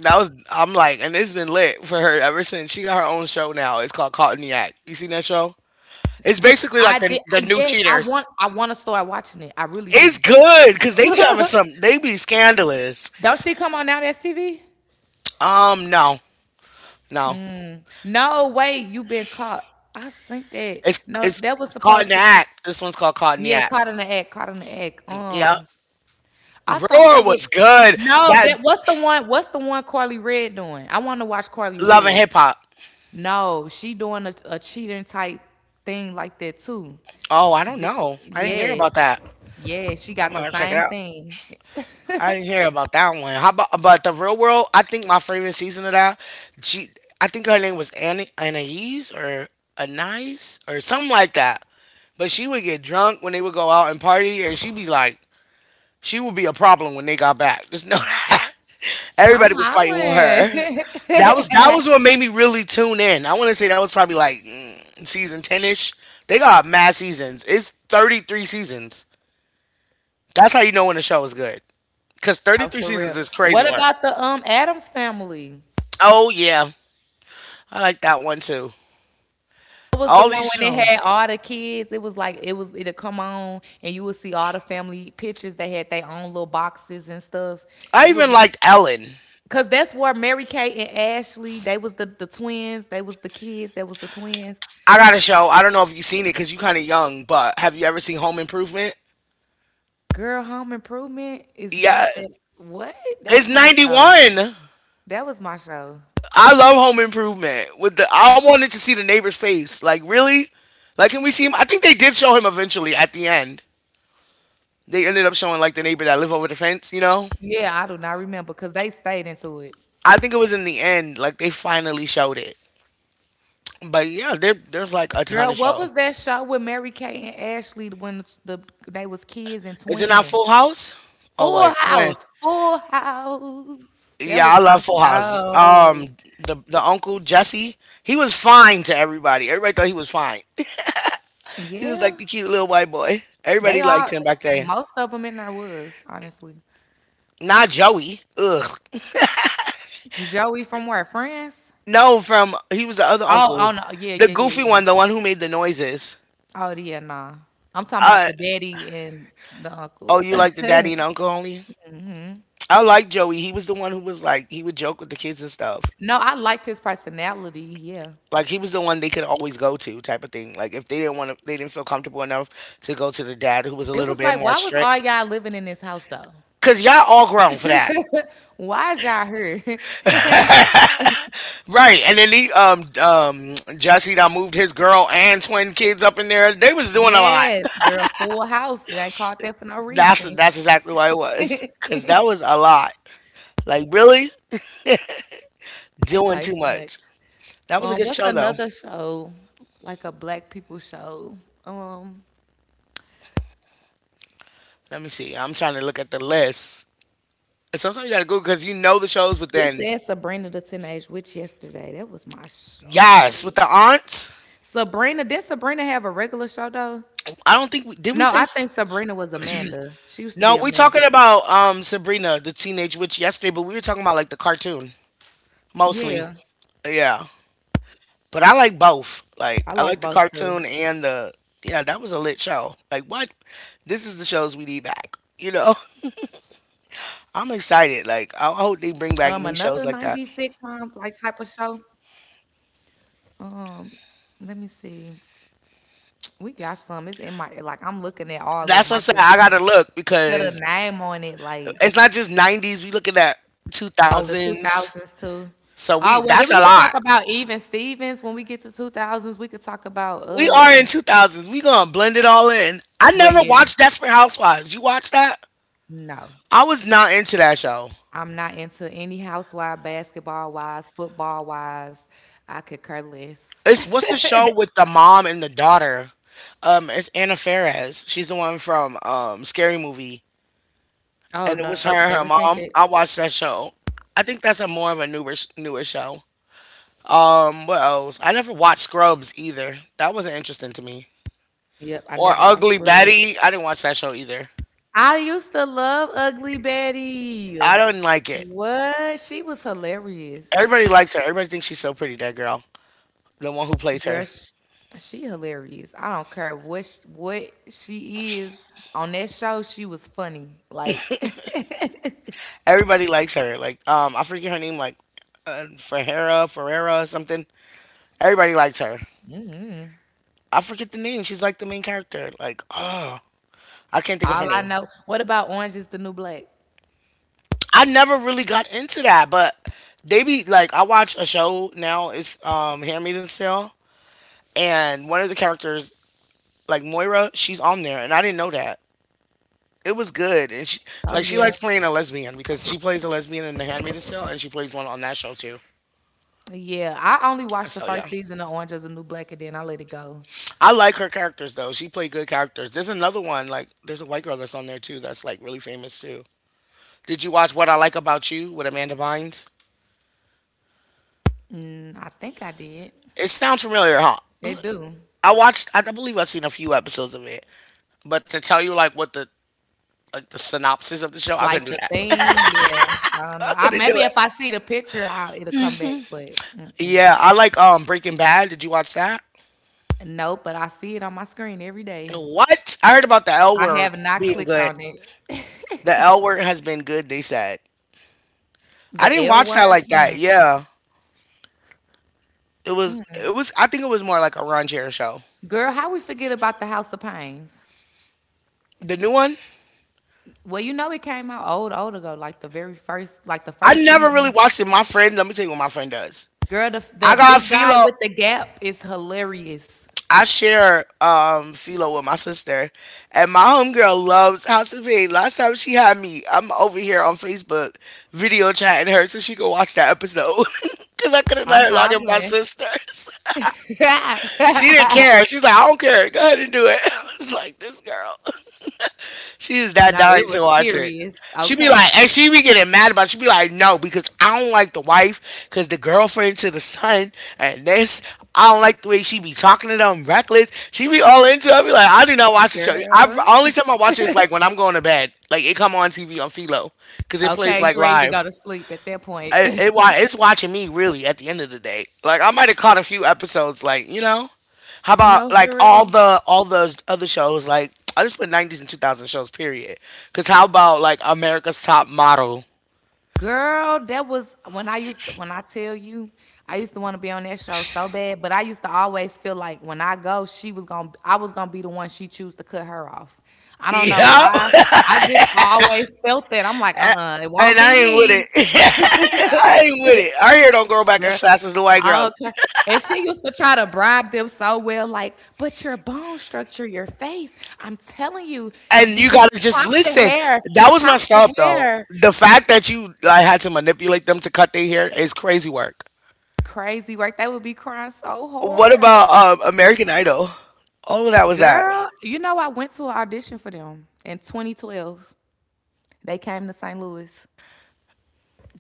A: that was I'm like, and it's been lit for her ever since. She got her own show now. It's called Caught in the Act. You seen that show? It's basically like
B: I did.
A: the new
B: Yes, I want
A: Cheaters.
B: I want to start watching it. I really do.
A: It's good because they be having some. They be scandalous.
B: Don't she come on now that's TV?
A: Um, no, no.
B: No way, you been caught. I think that
A: It's
B: no,
A: it's
B: that was
A: it's caught in
B: supposed
A: the
B: to be
A: act. This one's called Caught in the
B: yeah,
A: Act.
B: caught in the act, caught in the act.
A: Yeah.
B: I thought
A: Roar
B: that was
A: was good.
B: no,
A: That
B: that what's the one? What's the one Carly Red doing? I want to watch Carly
A: Love and
B: Red.
A: Hip Hop.
B: No, she doing a cheating type thing like that too.
A: Oh, I don't know. I didn't hear about
B: Yes,
A: that.
B: yes, she got
A: I'm
B: the
A: gonna check
B: same
A: it out.
B: thing.
A: I didn't hear about that one. How about the Real World? I think my favorite season of that. She, I think her name was Annie Anais or Anais or something like that. But she would get drunk when they would go out and party, and she would be a problem when they got back. Just know that.
B: I'm
A: Everybody was fighting with
B: hollering.
A: her. That was what made me really tune in. I want to say that was probably like season ten ish. They got mad seasons. It's 33 seasons. That's how you know when a show is good. Cause thirty
B: Oh,
A: three
B: for real.
A: seasons is crazy
B: What
A: work.
B: about the Adams family?
A: Oh yeah, I like that one too.
B: It was the
A: All
B: one
A: these
B: when they
A: shows.
B: had all the kids. It was like it was it'll come on, and you would see all the family pictures. They had their own little boxes and stuff.
A: I
B: It
A: even
B: was
A: liked Ellen.
B: because that's where Mary Kate and Ashley, they was the twins. They was the kids. That was the twins.
A: I got a show. I don't know if you've seen it because you kind of young, but have you ever seen Home Improvement?
B: Girl, Home Improvement is
A: Yeah,
B: not that. What? That
A: it's
B: was my
A: ninety
B: show.
A: one.
B: That was my show.
A: I love Home Improvement. I wanted to see the neighbor's face. Like really, like can we see him? I think they did show him eventually at the end. They ended up showing like the neighbor that lived over the fence. You know,
B: Yeah, I do not remember because they stayed into it.
A: I think it was in the end. Like they finally showed it. But yeah, there's like a ton
B: Girl,
A: of
B: what
A: show.
B: was that show with Mary Kay and Ashley when the they was kids and
A: Is it not
B: twins?
A: Full House? Oh
B: Full
A: wait, man.
B: House, Full House. That
A: Yeah,
B: was
A: I
B: my
A: love Full House.
B: show.
A: The uncle Jesse, he was fine to everybody. Everybody thought he was fine. He was
B: Yeah,
A: like the cute little white boy.
B: they
A: Everybody liked
B: all
A: him back there.
B: most of them in there was honestly.
A: Not Joey. Ugh,
B: Joey from where? France?
A: no, from he was the other
B: Oh
A: uncle,
B: no, yeah,
A: the
B: yeah, yeah,
A: goofy one,
B: yeah.
A: the one who made the noises.
B: Oh yeah, nah. I'm talking about
A: I
B: the daddy and the
A: oh,
B: uncle.
A: you like the daddy and uncle only?
B: Hmm.
A: I like Joey. He was the one who was like he would joke with the kids and stuff.
B: No, I liked his personality. Yeah,
A: Like he was the one they could always go to, type of thing. Like if they didn't want to, they didn't feel comfortable enough to go to the dad who was a
B: it
A: little
B: was
A: bit
B: like,
A: more
B: why was all
A: strict.
B: y'all living in this house though?
A: Cause y'all all grown for that,
B: Why is y'all here?
A: right? And then he Jesse that moved his girl and twin kids up in there. They was doing a lot.
B: Yes, girl, Full House. It ain't called that for no
A: That's
B: reason.
A: that's exactly why it was. Cause that was a lot. Like really,
B: They
A: doing
B: play
A: too
B: too
A: much.
B: much.
A: That was a
B: Um,
A: good
B: what's
A: show though.
B: another show? Like a black people show. Um,
A: Let me see. I'm trying to look at the list. And sometimes you gotta Google because you know the shows, but
B: we
A: then
B: said Sabrina the Teenage Witch yesterday. That was my
A: yes, with
B: show.
A: the aunts.
B: Sabrina, did Sabrina have a regular show though?
A: I don't think we
B: No,
A: say
B: I
A: s-
B: think Sabrina was Amanda. She used to
A: no.
B: be
A: We
B: Amanda.
A: talking about Sabrina the Teenage Witch yesterday, but we were talking about like the cartoon mostly.
B: Yeah,
A: Yeah, but I like both. Like
B: I
A: I
B: like
A: like the
B: both too.
A: cartoon and the yeah. That was a lit show. Like what? This is the shows we need back. You know. I'm excited. Like
B: Um,
A: I hope
B: another
A: they bring
B: 90s
A: back new shows like
B: sitcom like
A: that.
B: type of show. Um, let me see. We got some. It's in my like I'm looking at all of them.
A: That's
B: I
A: what I said.
B: just
A: I
B: can't
A: gotta look
B: put a
A: because
B: name on it. Like
A: it's not just 90s. We looking at
B: oh, the
A: 2000s.
B: 2000s too.
A: So we
B: Oh well, then
A: that's a
B: we could
A: lot.
B: talk about even Stevens when we get to 2000s. We could talk about
A: We are in
B: um.
A: 2000s. We gonna blend it all in. I
B: Well,
A: never
B: yeah,
A: watched Desperate Housewives. You watch that?
B: no,
A: I was not into that show.
B: I'm not into any housewife, basketball wise, football wise. I could care less.
A: It's what's the show with the mom and the daughter? It's Anna Faris. She's the one from Scary Movie, and
B: Oh
A: it was her
B: nope,
A: and
B: never
A: her
B: seen that.
A: mom. I watched that show. I think that's a more of a newer show. What else? I never watched Scrubs either. That wasn't interesting to me.
B: Yep, I
A: Or
B: never watched
A: Ugly
B: Scrubs.
A: Betty. I didn't watch that show either.
B: I used to love Ugly
A: I
B: Betty.
A: don't like it.
B: What? She was hilarious.
A: Everybody likes her. Everybody thinks she's so pretty. That girl, the one who plays
B: Girl,
A: her.
B: she hilarious. I don't care what she is on that show. She was funny. Like,
A: Everybody likes her. Like I forget her name. Like Ferreira, or something. Everybody likes her.
B: mhm.
A: I forget the name. She's like the main character. Like oh, I can't think of her
B: all I
A: name.
B: know. What about Orange is the New Black?
A: I never really got into that, but they be like I watch a show now. It's Handmaid's Tale, and one of the characters like Moira, she's on there, and I didn't know that. It was good, and she
B: Oh
A: like she
B: yeah,
A: likes playing a lesbian because she plays a lesbian in The Handmaid's Tale, and she plays one on that show too.
B: yeah. I only watched the
A: So yeah,
B: first season of Orange is the New Black, and then I let it go.
A: I like her characters though. She played good characters. There's another one like there's a white girl that's on there too that's like really famous too. Did you watch What I Like About You with Amanda Bynes?
B: Mm, I think I did.
A: It sounds familiar, huh?
B: They do.
A: I watched. I believe I've seen a few episodes of it, but to tell you like what the like the synopsis of the show, I couldn't
B: Like
A: do
B: the
A: that.
B: theme, yeah. I don't
A: I
B: know. I,
A: couldn't do
B: maybe
A: it.
B: if I see the picture, it'll come back. But mm-mm.
A: Yeah, I like Breaking Bad. Did you watch that?
B: No, but I see it on my screen every day.
A: What? I heard about the L
B: I
A: word
B: have not
A: being
B: clicked
A: good.
B: on
A: The
B: it.
A: L word has been good, they said. I
B: The
A: didn't
B: L
A: watch that like
B: word?
A: that.
B: Mm.
A: Yeah. It was I think it was more like a Ron Jerry show.
B: Girl, how we forget about the House of Pains?
A: The new one?
B: Well, you know it came out old, old ago, like the very first, like the
A: I
B: first
A: never really
B: season.
A: watched it. My friend, let me tell you what my friend does.
B: Girl, the
A: I
B: the
A: got
B: big guy
A: Philo.
B: with the gap is hilarious.
A: I share Philo with my sister. And my homegirl loves House of Pain. Last time she had me, I'm over here on Facebook video chatting her so she could watch that episode. Cause I couldn't let
B: I'm
A: her log in my
B: hollering.
A: sisters. She didn't care. She's like, I don't care. Go ahead and do it. I was like, this girl. She is that
B: No, it
A: dying to
B: was
A: watch it.
B: serious.
A: She be
B: Okay,
A: like, and she be getting mad about. It. She be like, no, because I don't like the wife, because the girlfriend to the son, and this. I don't like the way she be talking to them, reckless. She be all into. It. I be like, I do not watch the show. I
B: girl.
A: only time I watch it is like when I'm going to bed. Like it come on TV on Philo, because it plays
B: Okay,
A: like
B: you ready to go
A: live
B: to sleep at that point.
A: it's watching me really at the end of the day. Like I might have caught a few episodes. Like you know, how about
B: No,
A: like
B: for real.
A: all the other shows? Like I just put nineties and 2000 shows. Period. Cause how about like America's Top Model?
B: Girl, that was when I tell you, I used to want to be on that show so bad, but I used to always feel like when I go, she was going to I was going to be the one she choose to cut her off. I don't know
A: Yep.
B: why. I just always felt that. I'm like, "Uh-uh, it
A: And
B: won't be
A: I ain't with
B: me."
A: it. I ain't with it. Our hair don't grow back
B: Girl,
A: as fast as the white girls.
B: okay. And she used to try to bribe them so well, like, but your bone structure, your face, I'm telling you,
A: And
B: you
A: you
B: don't
A: gotta just
B: chop the
A: listen.
B: hair,
A: That was
B: chop
A: messed
B: the
A: up though.
B: hair.
A: The fact that you like had to manipulate them to cut their hair is crazy work.
B: Crazy work. They would be crying so
A: What
B: hard.
A: about American Idol? All of that was that.
B: Girl, you know I went to an audition for them in 2012. They came to St. Louis.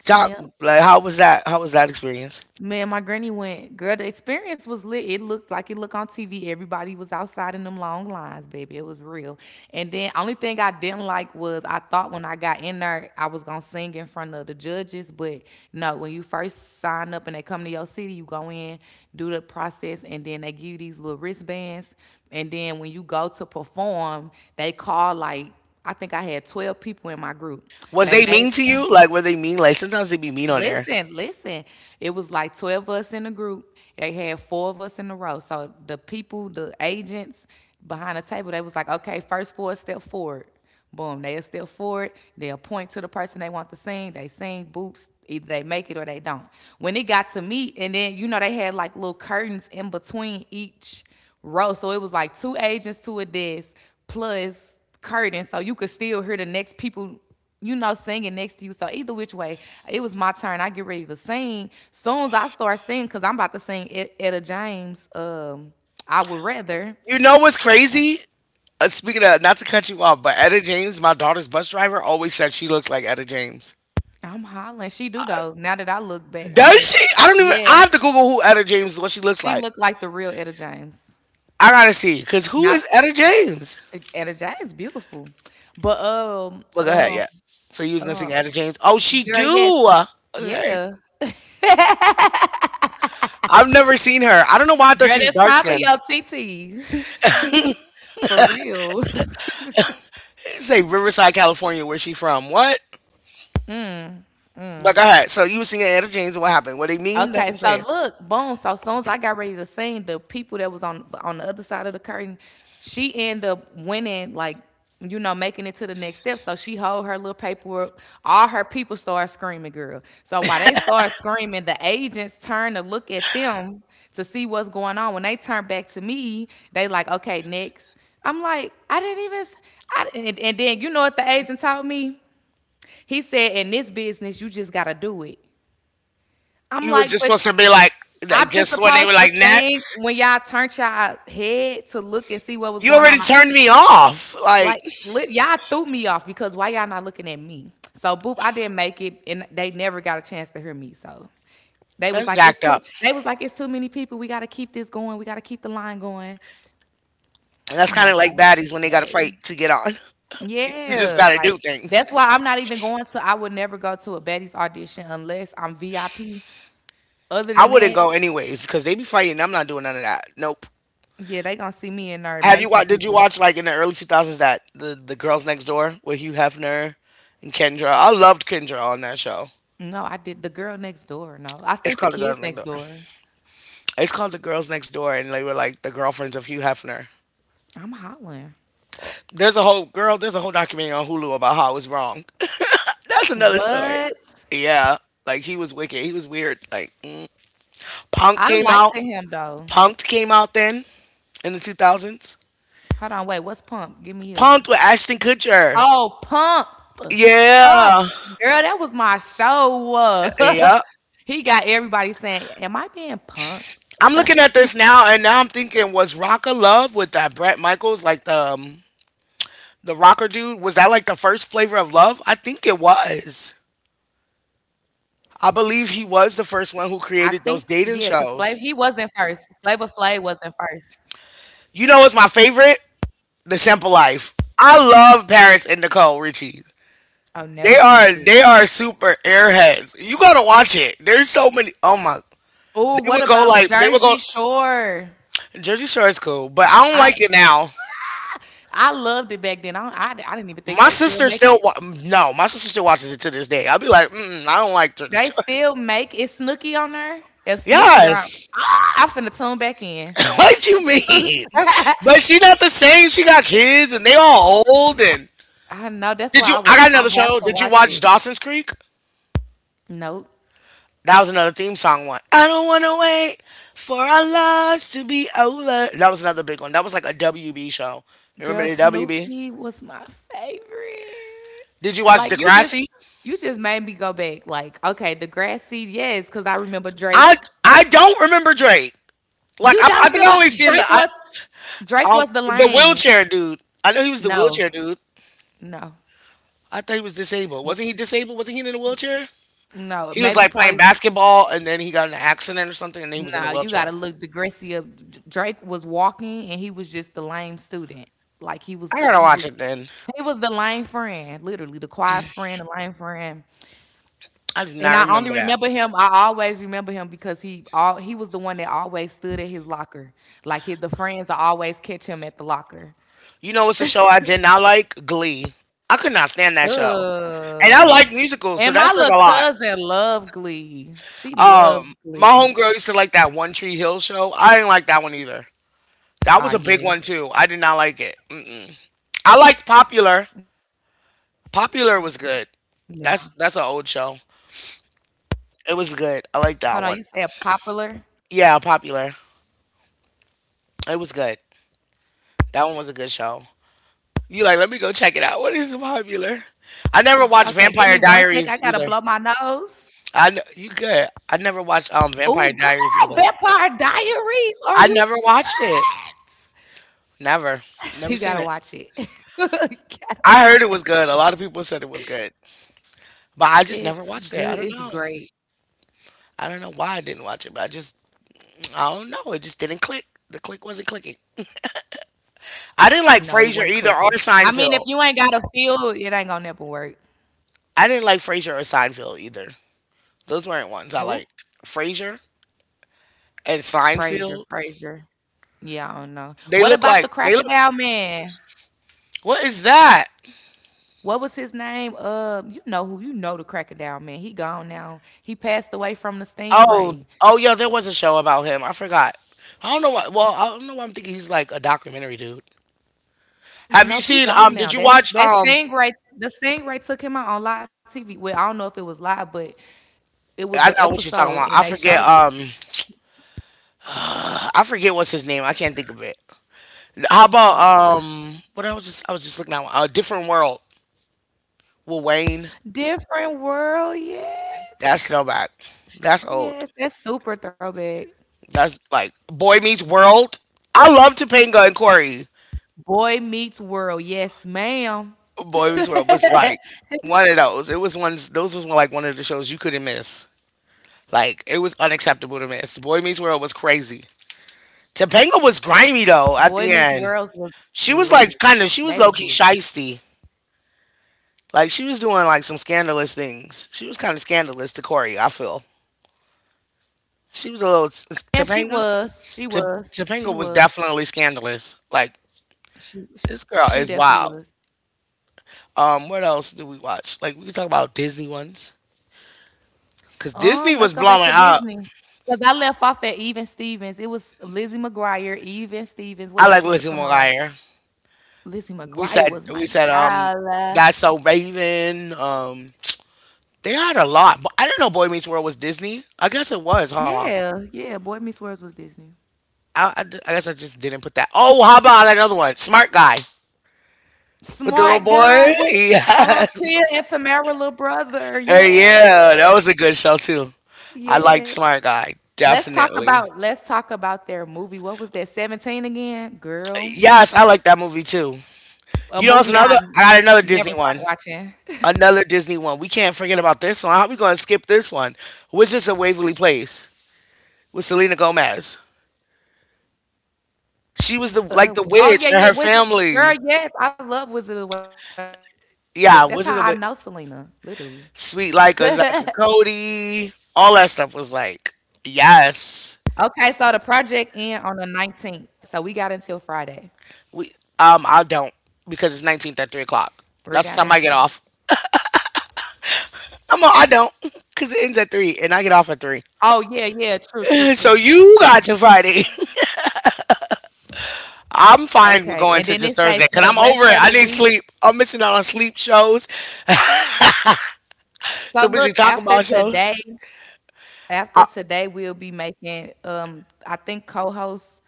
A: Top,
B: Yep.
A: like, how was that? How was that experience?
B: Man, my granny went. Girl, the experience was lit. It looked like it looked on TV. Everybody was outside in them long lines, baby. It was real. And then only thing I didn't like was I thought when I got in there I was gonna sing in front of the judges, but no. When you first sign up and they come to your city, you go in, do the process, and then they give you these little wristbands. And then when you go to perform, they call like I think I had 12 people in my group.
A: Was
B: They
A: they
B: made
A: mean to you? Like, were they mean? Like, sometimes they be mean on air.
B: Listen, listen. It was like 12 of us in the group. They had four of us in a row. So the people, the agents behind the table, they was like, okay, first four step forward. Boom, they'll step forward. They'll point to the person they want to sing. They sing, boops. Either they make it or they don't. When it got to me, and then, they had like little curtains in between each row. So it was like two agents to a desk plus curtains. So you could still hear the next people singing next to you. So either which way, it was my turn. I get ready to sing. Soon as I start singing, cause I'm about to sing Etta James. I would rather.
A: You know what's crazy? Speaking of, not to cut you off, but Etta James, my daughter's bus driver, always said she looks like Etta James.
B: I'm hollering. She do
A: Uh,
B: though. Now that I look back, I
A: Does
B: mean,
A: she? I don't even. I
B: yes,
A: have to Google who Etta James is, what she looks
B: she
A: like.
B: looked like the real Etta James.
A: I gotta see, cause who
B: Not
A: is Etta James?
B: Etta James, beautiful, but
A: Well, go ahead. Yeah. So you was gonna sing
B: um,
A: Etta James? Oh, she
B: girl, yes,
A: do. Okay.
B: yeah, girl,
A: I've never seen her. I don't know why I thought she was
B: that's
A: dark
B: probably
A: skinned.
B: your TT. For real.
A: Say Riverside, California, where she from? What? But go ahead. So you were singing Etta James, and what happened? What they mean? That's
B: Okay,
A: what I'm
B: so
A: saying.
B: look, boom. So soon as I got ready to sing, the people that was on the other side of the curtain, she ended up winning, like making it to the next step. So she hold her little paperwork. All her people start screaming, girl. So while they start screaming, the agents turn to look at them to see what's going on. When they turn back to me, they like, okay, next. I'm like, I didn't even. I didn't, and then you know what the agent taught me? He said, in this business, you just gotta do it. I'm
A: You was
B: like,
A: just
B: but
A: supposed to be like
B: I'm just
A: just when they were
B: supposed to
A: like
B: sing
A: next.
B: when y'all turned y'all head to look and see what was
A: You
B: going on.
A: already turned me off. Like
B: Y'all threw me off because why y'all not looking at me? So boop, I didn't make it, and they never got a chance to hear me. So they was
A: that's
B: like, it's
A: jacked
B: too.
A: up.
B: They was like, it's too many people. We got to keep this going. We got to keep the line going.
A: And that's
B: I'm
A: kind
B: like,
A: of like baddies when they got to fight
B: okay,
A: to get on. You just
B: yeah,
A: got to do
B: like.
A: things.
B: That's why I'm not even going to. I would never go to a Betty's audition unless I'm VIP. Other
A: I
B: than
A: wouldn't
B: that,
A: go anyways because they be fighting. I'm not doing none of that. Nope.
B: yeah, they gonna see me in our
A: Have you
B: Mason
A: watched? Did you
B: people.
A: watch like in the early 2000s that the Girls Next Door with Hugh Hefner and Kendra? I loved Kendra on that show.
B: No, I did the girl next door. No, I
A: It's
B: think the
A: called The Girls
B: kids
A: Next
B: next
A: Door.
B: door.
A: It's called The Girls Next Door, and they were like the girlfriends of Hugh Hefner.
B: I'm hollering.
A: There's a whole girl. There's a whole documentary on Hulu about how it was wrong. That's another story.
B: What?
A: Yeah, like he was wicked. He was weird. Like mm. Punk
B: I
A: came out.
B: liked him though.
A: Punked came out then in the 2000s.
B: Hold on, wait. What's Pump? Give me up.
A: Punked with Ashton Kutcher.
B: Oh, Pump, Pump.
A: Yeah,
B: Girl, that was my show.
A: yeah.
B: He got everybody saying, "Am I being punk?"
A: I'm looking at this now, and now I'm thinking, was Rock of Love with that Brett Michaels, like the rocker dude? Was that like the first flavor of love? I think it was. I believe he
B: I
A: was the
B: think
A: first one who
B: yeah, cause
A: created
B: Flav
A: those
B: he
A: dating
B: wasn't first.
A: shows.
B: Flavor Flav wasn't first.
A: You know what's my favorite? The Simple Life. I love Paris and Nicole Richie.
B: Oh,
A: They
B: never
A: are
B: synced it.
A: they are super airheads. You gotta watch it. There's so many. Oh my!
B: Oh, what about
A: They would go.
B: Jersey Shore?
A: Jersey Shore is cool, but I don't
B: I
A: like it now.
B: loved it back then. I, don't- I didn't even think
A: My
B: they still
A: sister
B: make
A: still
B: it.
A: wa- No. My sister still watches it to this day. I'll be like, mm, I don't like Jersey
B: They
A: Shore.
B: still make is Snooki on there? If Snooki there,
A: Yes.
B: I finna tune back in.
A: What you mean? But she not the same. She got kids and they all old and
B: I know that's
A: did
B: why
A: you? I got
B: I
A: another
B: have
A: show.
B: to
A: Did you
B: watch
A: watch
B: it.
A: Dawson's Creek?
B: Nope.
A: That was another theme song one. I don't want to wait for our lives to be over. That was another big one. That was like a WB show. You
B: Girl,
A: Remember the WB?
B: Snooki was my favorite.
A: Did you watch
B: Like
A: Degrassi?
B: you just made me go back. Like, okay, Degrassi, yes, because I remember
A: I
B: Drake.
A: I don't remember Drake. Like
B: You
A: I,
B: don't
A: I think I
B: remember
A: only seen the
B: Drake
A: I,
B: was Drake was the
A: the
B: lame.
A: wheelchair dude. I know he was the
B: No,
A: wheelchair dude.
B: no,
A: I thought he was disabled. Wasn't he disabled? Wasn't he in a wheelchair?
B: no.
A: He was like
B: Maybe
A: playing
B: probably
A: basketball and then he got in an accident or something and then he was in a
B: nah, you gotta
A: wheelchair.
B: look Degrassi up. Drake was walking and he was just the lame student. Like
A: I gotta watch it then.
B: he was the lame friend, literally the quiet friend, the lame friend.
A: I do
B: And
A: not remember that.
B: I always remember him because he was the one that always stood at his locker. Like his, the friends will always catch him at the locker.
A: You know, it's a show I did not like Glee. I could not stand that show, and I like
B: Ugh.
A: musicals, so
B: And
A: that
B: my
A: says
B: little
A: a lot.
B: cousin love Glee. She loves
A: My
B: Glee.
A: homegirl used to like that One Tree Hill show. I didn't like that one either. That was
B: Ah
A: a big
B: yeah.
A: one too. I did not like it. Mm-mm. I liked Popular.
B: No.
A: Popular was good. That's an old show.
B: Hold on, you said
A: It was
B: popular?
A: good. I like that one. Yeah, Popular. It was good. That one was a good show. You like? Let me go check it out. What is Popular?
B: Okay,
A: I
B: give
A: never
B: me
A: watched
B: one sec. I
A: Vampire
B: gotta blow my
A: Diaries either.
B: nose.
A: I kn- you good. I never watched
B: Oh, girl,
A: Vampire Diaries either.
B: Vampire Diaries. Are you
A: I never watched it.
B: what?
A: Never.
B: You
A: Never
B: gotta
A: seen it.
B: watch it. You gotta
A: I heard it was
B: watch
A: good.
B: it.
A: A lot of people said it was good. But I just never
B: It's
A: watched it.
B: good.
A: I don't
B: It's
A: know.
B: great.
A: I don't know why I didn't watch it, but I just I don't know. It just didn't click. The click wasn't clicking. I didn't like
B: No, it
A: Frasier
B: wasn't
A: either or
B: clicking. I mean, if
A: Seinfeld.
B: you ain't got a feel, it ain't gonna never work.
A: I didn't like Frasier or Seinfeld either. Those weren't ones I
B: Who?
A: liked. Frasier and
B: Frazier.
A: Seinfeld.
B: Frazier. Yeah, I don't know. What about the
A: They look
B: Crocodile Man?
A: what is that?
B: What was his name? You know who? You know the Crocodile Man. He gone now. He passed away from the
A: Oh,
B: stingray.
A: oh yeah, there was a show about him. I forgot. I don't know why. Well, I don't know why I'm thinking he's like a documentary dude.
B: Nope,
A: Have you
B: he
A: seen?
B: gone now.
A: Did you
B: That's
A: watch?
B: that Stingray. The Stingray took him out on live TV. Well, I don't know if it was live, but it was an
A: I know what you're
B: episode, and
A: talking
B: they
A: about. I
B: showed
A: forget.
B: it.
A: I forget what's his name. I can't think of it. How about?
B: Yeah,
A: What I was just looking at A Different World. With Wayne?
B: different world.
A: That's
B: Yes,
A: Snowback. That's old.
B: yes, that's super throwback.
A: That's like Boy Meets World. I love Topanga and Corey.
B: Boy Meets World. Yes, ma'am.
A: Boy Meets World was like one of those. It was one. Those was like one of the shows you couldn't miss. Like it was unacceptable to me. Boy Meets World was crazy. Topanga was grimy
B: Boy
A: though at
B: Meets
A: the
B: World
A: end.
B: was
A: She
B: lit.
A: was like kind of she
B: They
A: was
B: was
A: low key
B: lit.
A: shisty. Like she was doing like some scandalous things. She was kind of scandalous to Corey. I feel she was a little
B: Yeah, she
A: Topanga.
B: was. She
A: T-
B: was.
A: Topanga
B: She
A: was
B: was.
A: definitely scandalous. Like
B: She
A: this girl
B: she
A: is
B: definitely
A: wild.
B: was.
A: What else do we watch? Like we can talk about Disney ones because Disney
B: Let's
A: was
B: go back to
A: blowing up.
B: Disney. Cause I left off at Even Stevens. It was Lizzie McGuire, Even Stevens. What
A: I
B: else
A: like
B: used to
A: Lizzie
B: come on?
A: McGuire.
B: Lizzie
A: We
B: McGuire
A: said
B: was
A: we
B: my
A: said
B: girl.
A: That's So Raven. They had a lot, but I didn't know Boy Meets World was Disney. I guess it was, huh?
B: Yeah, yeah. Boy Meets World was Disney.
A: I guess I just didn't put that. Oh, how about another one? Smart Guy with the little
B: Smart
A: boy.
B: guy with
A: Yes.
B: Tia and Tamara little brother.
A: Oh,
B: Yeah,
A: yeah, that was a good show too. I liked
B: yes.
A: Smart Guy
B: Let's talk
A: definitely.
B: about their movie. What was that? 17 again, girl.
A: Yes, I like that movie too.
B: A
A: You know, it's
B: movie
A: another.
B: I
A: I got another Disney
B: never stopped
A: one.
B: watching.
A: Another Disney one. We can't forget about this one. How we gonna skip this one? Wizards of Waverly Place with Selena Gomez. She was the
B: Uh,
A: like the
B: oh
A: witch
B: yeah,
A: and
B: yeah,
A: her
B: Wizard Girl.
A: family.
B: Yes, I love Wizard of the Wave. That's how I know Selena,
A: Yeah, Wizards
B: literally.
A: of Wa-
B: Okay,
A: Sweet Like a Zaka Cody, all that stuff was like,
B: so the
A: yes.
B: project end on the 19th, so we got until Friday.
A: We I don't because it's
B: We're got
A: 19th at 3
B: until.
A: o'clock. That's the time I get off. I don't because it ends at 3 and I get off at
B: Oh
A: 3.
B: yeah, yeah, true, true, true,
A: So
B: true.
A: you got to Friday. I'm fine with
B: Okay, and
A: going
B: then
A: to
B: it
A: just
B: say
A: Thursday
B: for the
A: because I'm
B: rest
A: over
B: of
A: it.
B: the
A: I need
B: week.
A: sleep. I'm missing out on sleep shows.
B: So
A: So
B: look,
A: busy talking about shows.
B: after
A: Uh,
B: today, we'll be making. I think co-hosts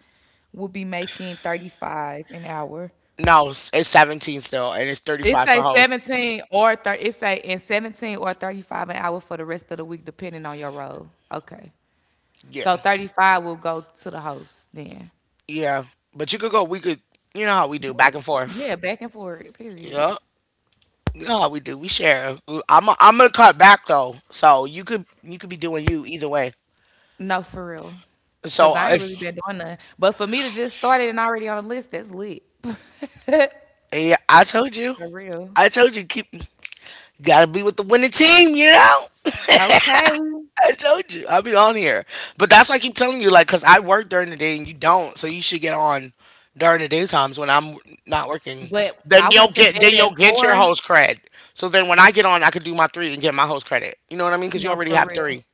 B: will be making 35 an hour.
A: no, it's 17 still and it's
B: It
A: 35
B: say
A: for host.
B: 17 or 30, it say in 17 or 35 an hour for the rest of the week, depending on your role. Okay.
A: Yeah.
B: So 35 will go to the host then.
A: Yeah. But you could go, we could, you know how we do,
B: Bet.
A: back and forth.
B: Yeah, back and forth, period.
A: Yeah. No, we do. We share. I'm gonna cut back though, so you could be doing you either way.
B: No, for real.
A: So
B: Because I ain't really
A: if
B: been doing nothing. But for me to just start it and already on the list, that's lit. For
A: yeah,
B: real.
A: I told you, keep you gotta be with the winning team. You know,
B: Okay.
A: I told you, I'll be on here. But that's why I keep telling you, like, cause I work during the day and you don't, so you should get on during the day times when I'm not working.
B: But I went to bed
A: Then
B: at
A: you'll get your
B: four.
A: host cred. So then when I get on, I could do my three and get my host credit. You know what I mean? Cause you
B: No,
A: already
B: for
A: have
B: real.
A: three.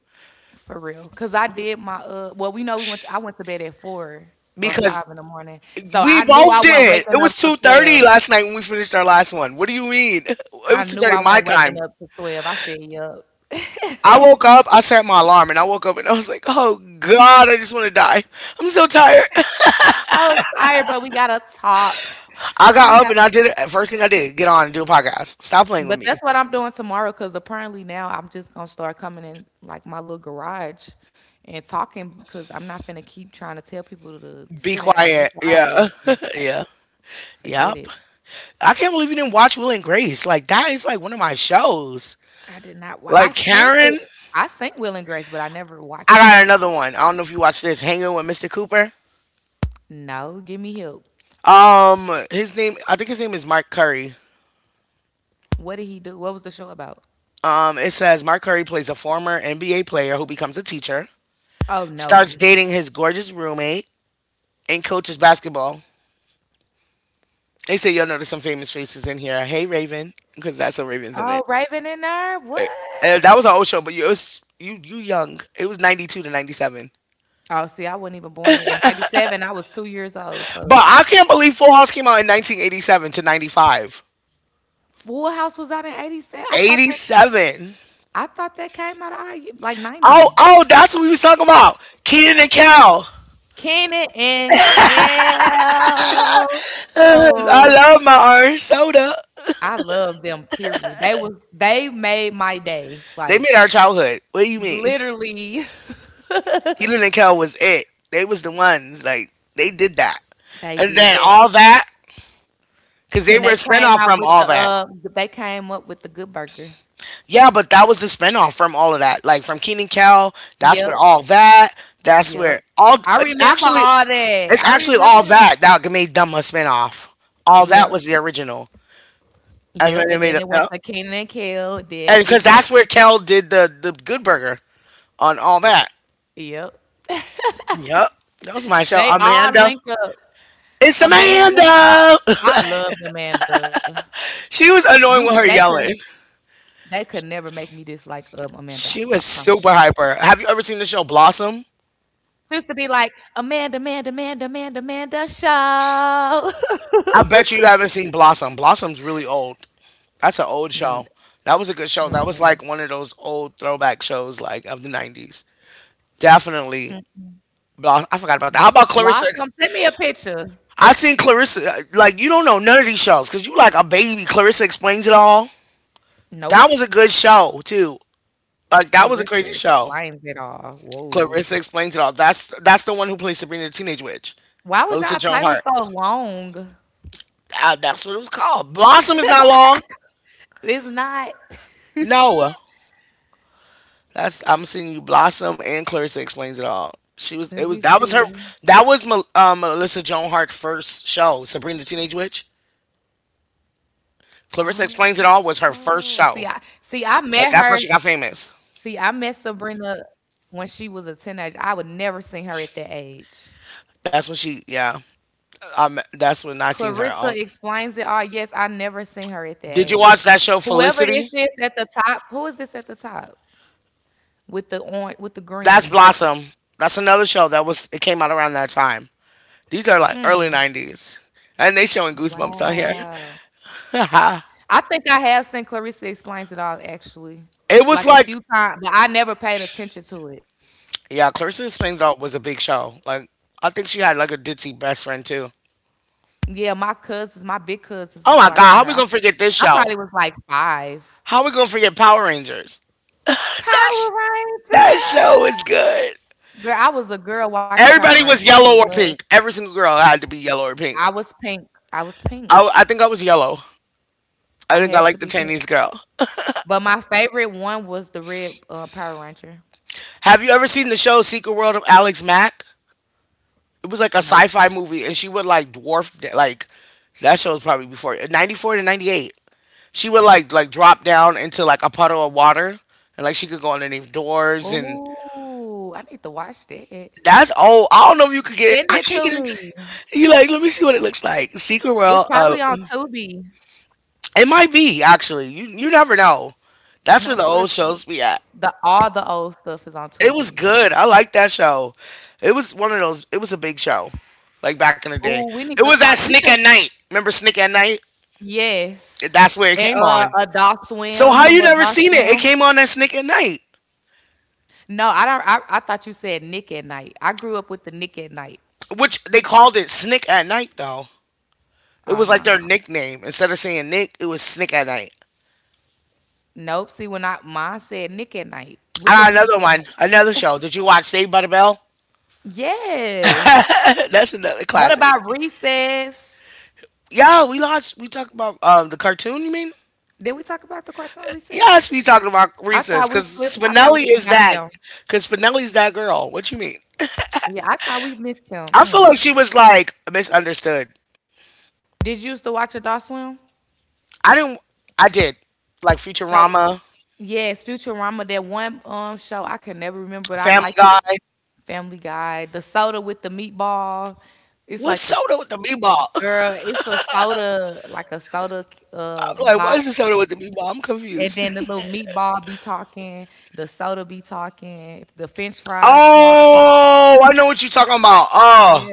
B: For real, cause I did my Well, we know we went. I went to bed at four or five
A: Because
B: in the morning, so I
A: we
B: knew
A: both
B: I wasn't
A: did. It
B: waking up
A: was
B: till
A: 2:30
B: 12.
A: last night when we finished our last one. What do you mean? It was
B: I knew
A: 2:30
B: I
A: my
B: wasn't
A: time.
B: waking up till 12. I said, "Yup."
A: I woke up, I set my alarm and I woke up and I was like, "Oh god, I just want to die. I'm so tired."
B: I was tired, but we gotta talk.
A: I
B: We
A: got up
B: have,
A: and I did it. First thing I did, get on and do a podcast. Stop playing with
B: but
A: me.
B: that's what I'm doing tomorrow. Cause apparently now I'm just gonna start coming in like my little garage and talking. Cause I'm not finna keep trying to tell people to sit
A: Be
B: down, be
A: quiet.
B: quiet, and
A: Yeah.
B: stuff. Like
A: yeah.
B: forget
A: Yep.
B: it.
A: I can't believe you didn't watch Will and Grace. Like that is like one of my shows.
B: I did not wa I
A: Like
B: synced it.
A: Karen,
B: I synced Will& and Grace, but I never
A: I
B: watched it.
A: got another one. I don't know if you watch this, Hanging with Mr. Cooper.
B: No, give me help.
A: His name, I think his name is Mike Curry.
B: What did he do? What was the show about?
A: It says Mark Curry plays a former NBA player who becomes a teacher,
B: Oh, no.
A: starts dating his gorgeous roommate, and coaches basketball. They say you'll notice some famous faces in here. Hey Raven, because that's a Raven's in
B: Oh,
A: it.
B: Raven and Herb,
A: And
B: what?
A: that was an old show, but you young. It was 92 to 97.
B: Oh, see, I wasn't even born yet. In 97, I was 2 years old,
A: But
B: so
A: I can't believe Full House came out in 1987 to 95.
B: Full House was out in 87?
A: Eighty seven.
B: I thought that came out of our ye like,
A: Oh
B: 90.
A: oh, that's what we was talking about. Keenan and Cal.
B: Kenan and Kel.
A: I
B: Oh,
A: love my orange soda.
B: I love them, period. They made my day,
A: They made
B: like,
A: our childhood. What do you mean?
B: literally.
A: Helen and Kel was it. They was the ones like they did that,
B: They
A: and
B: did
A: then
B: that,
A: All That because they
B: and
A: were a
B: they came
A: spinoff
B: out
A: from
B: with the,
A: All That.
B: they came up with the Good Burger.
A: Yeah, but that was the spinoff from all of that. Like from Keenan Kel, that's where
B: Yep,
A: all that. That's
B: yep.
A: where all.
B: I
A: It's
B: remember
A: actually
B: all that. I remember
A: All
B: that.
A: That that made them a spinoff. All That
B: Yep,
A: was the original, and then
B: yep.
A: they
B: And
A: made
B: then
A: it.
B: it went to Kenan and Kel, then
A: And because
B: Good
A: that's
B: Burger.
A: where Kel did the Good Burger on All
B: Y-
A: That.
B: Yep.
A: Yep, that was my show.
B: They all
A: Amanda,
B: link up.
A: it's
B: Amanda,
A: Amanda.
B: I loved Amanda.
A: she was
B: You could,
A: annoying
B: they
A: with her
B: could,
A: yelling.
B: they could never make me dislike Amanda. I
A: She was
B: promise you.
A: super hyper. Have you ever seen the show Blossom?
B: She used to be like Amanda, Amanda, Amanda, Amanda, Amanda Shaw.
A: I bet you you haven't seen Blossom. Blossom's really old. That's an old show. That was a good show. That was like one of those old throwback shows, like of the '90s. Definitely. I forgot about that. How about Clarissa?
B: Blossom, send me a picture.
A: I seen Clarissa. Like you don't know none of these shows because you like a baby. Clarissa Explains It All.
B: Nope.
A: That was a good show too. Like that was a
B: Clarissa
A: crazy show.
B: explains it all. Whoa.
A: Clarissa Explains It All. That's the one who plays Sabrina the Teenage Witch.
B: Why was
A: Melissa
B: y'all
A: Joan
B: title
A: Hart.
B: so long?
A: That's what it was called. Blossom is not long.
B: It's not.
A: No, that's I'm seeing you. Blossom and Clarissa Explains It All. She was. It
B: Let
A: was
B: me
A: that was her.
B: see.
A: That was Melissa Joan Hart's first show. Sabrina the Teenage Witch. Clarissa Explains It
B: Oh,
A: All was her first
B: see. I
A: show.
B: met her.
A: Like that's when she got
B: See, I
A: famous.
B: met Sabrina when she was a teenager. I would never seen her at that age.
A: That's when she. Yeah. That's when I seen her on.
B: Clarissa explains it all. Yes, I never seen her at that
A: Did you watch
B: age.
A: that show
B: Whoever this
A: Felicity?
B: is at the top, who is this at the top with the orange with the
A: That's
B: green?
A: Blossom. That's another show that was. It came out around that time. These are like early
B: Mm,
A: '90s, and they showing Goosebumps out here.
B: wow. I think I have seen Clarissa Explains It All actually,
A: it was
B: like a
A: like
B: few times, but I never paid attention to it.
A: yeah, Clarissa Springfield was a big show. Like I think she had like a ditzy best friend too.
B: Yeah, my cousins, my big cousins
A: Oh
B: was
A: my god,
B: watching
A: how
B: her.
A: we gonna forget this
B: I
A: show?
B: probably was like five.
A: How we gonna forget Power Rangers? That
B: Power
A: sh- that
B: Ranger.
A: show is good.
B: Girl, I was a girl watching Power
A: Everybody was
B: Rangers. Sure
A: yellow or
B: was.
A: pink. Every single girl had to be yellow or
B: I
A: pink.
B: was pink. I was pink.
A: I think I was yellow.
B: I
A: I think I
B: had to
A: liked the
B: be pink.
A: Chinese girl.
B: But my favorite one was the red Power Ranger.
A: Have you ever seen the show Secret World of Alex Mack? It was like a
B: Nope.
A: sci-fi movie, and she would like dwarf like that show was probably before 94 to 98. She would like drop down into like a puddle of water, and like she could go underneath doors, and
B: Ooh, I need to watch that.
A: that's old. I don't know if you could get.
B: Send
A: I
B: it
A: can't
B: to
A: get
B: me.
A: into. You like, let me see what it looks like. Secret
B: It's
A: World.
B: probably on Tubi.
A: It might be actually. You never know. That's
B: No,
A: where the
B: for real.
A: old shows be at.
B: The all the old stuff is on
A: It was
B: Tubi.
A: good. I like that show. It was one of those. It was a big show, like back in the day.
B: Ooh, we need
A: It
B: to
A: was at
B: talk. We
A: Snick
B: should.
A: at Night. Remember Snick at Night?
B: Yes.
A: That's where it
B: And
A: came on.
B: Adult
A: So
B: Swim.
A: how you
B: Remember
A: never
B: Adult
A: seen it? It
B: Swim?
A: came on at Snick at Night,
B: No, I don't. I thought you said Nick at Night. I grew up with the Nick at Night.
A: which they called it Snick at Night though. It
B: Oh
A: was like
B: no.
A: their nickname. Instead of saying Nick, it was Snick at Night.
B: Nope. See, when I mine said Nick at Night. Look
A: Ah,
B: up Nick
A: another
B: at
A: one,
B: Night.
A: another show. Did you watch Saved by the Bell?
B: Yes.
A: That's another
B: What
A: classic.
B: about Recess?
A: Yeah, we launched. We talked about the cartoon. You mean?
B: Did we talk about the cartoon Recess?
A: Yes, we talking about
B: I
A: Recess
B: thought we
A: because
B: slipped. I thought
A: Spinelli
B: we
A: is
B: forgot
A: that.
B: them.
A: Because Spinelli's that girl. What you mean?
B: Yeah, I thought we missed them.
A: I feel
B: Mm.
A: like she was like misunderstood.
B: Did you used to watch Adult Swim?
A: I didn't. I did like
B: So
A: Futurama,
B: yes, Futurama, that one show I can never remember, but I
A: Family
B: like it.
A: Guy.
B: Family Guy, the soda with the meatball. It's
A: What's
B: like the s-
A: soda with the meatball?
B: Girl, it's a soda, like a soda
A: I'm like, what
B: box.
A: is the soda with the meatball? I'm
B: And
A: confused.
B: then the little meatball be talking, the soda be talking, the French fries talk.
A: Oh, I know what you're talking about. Oh,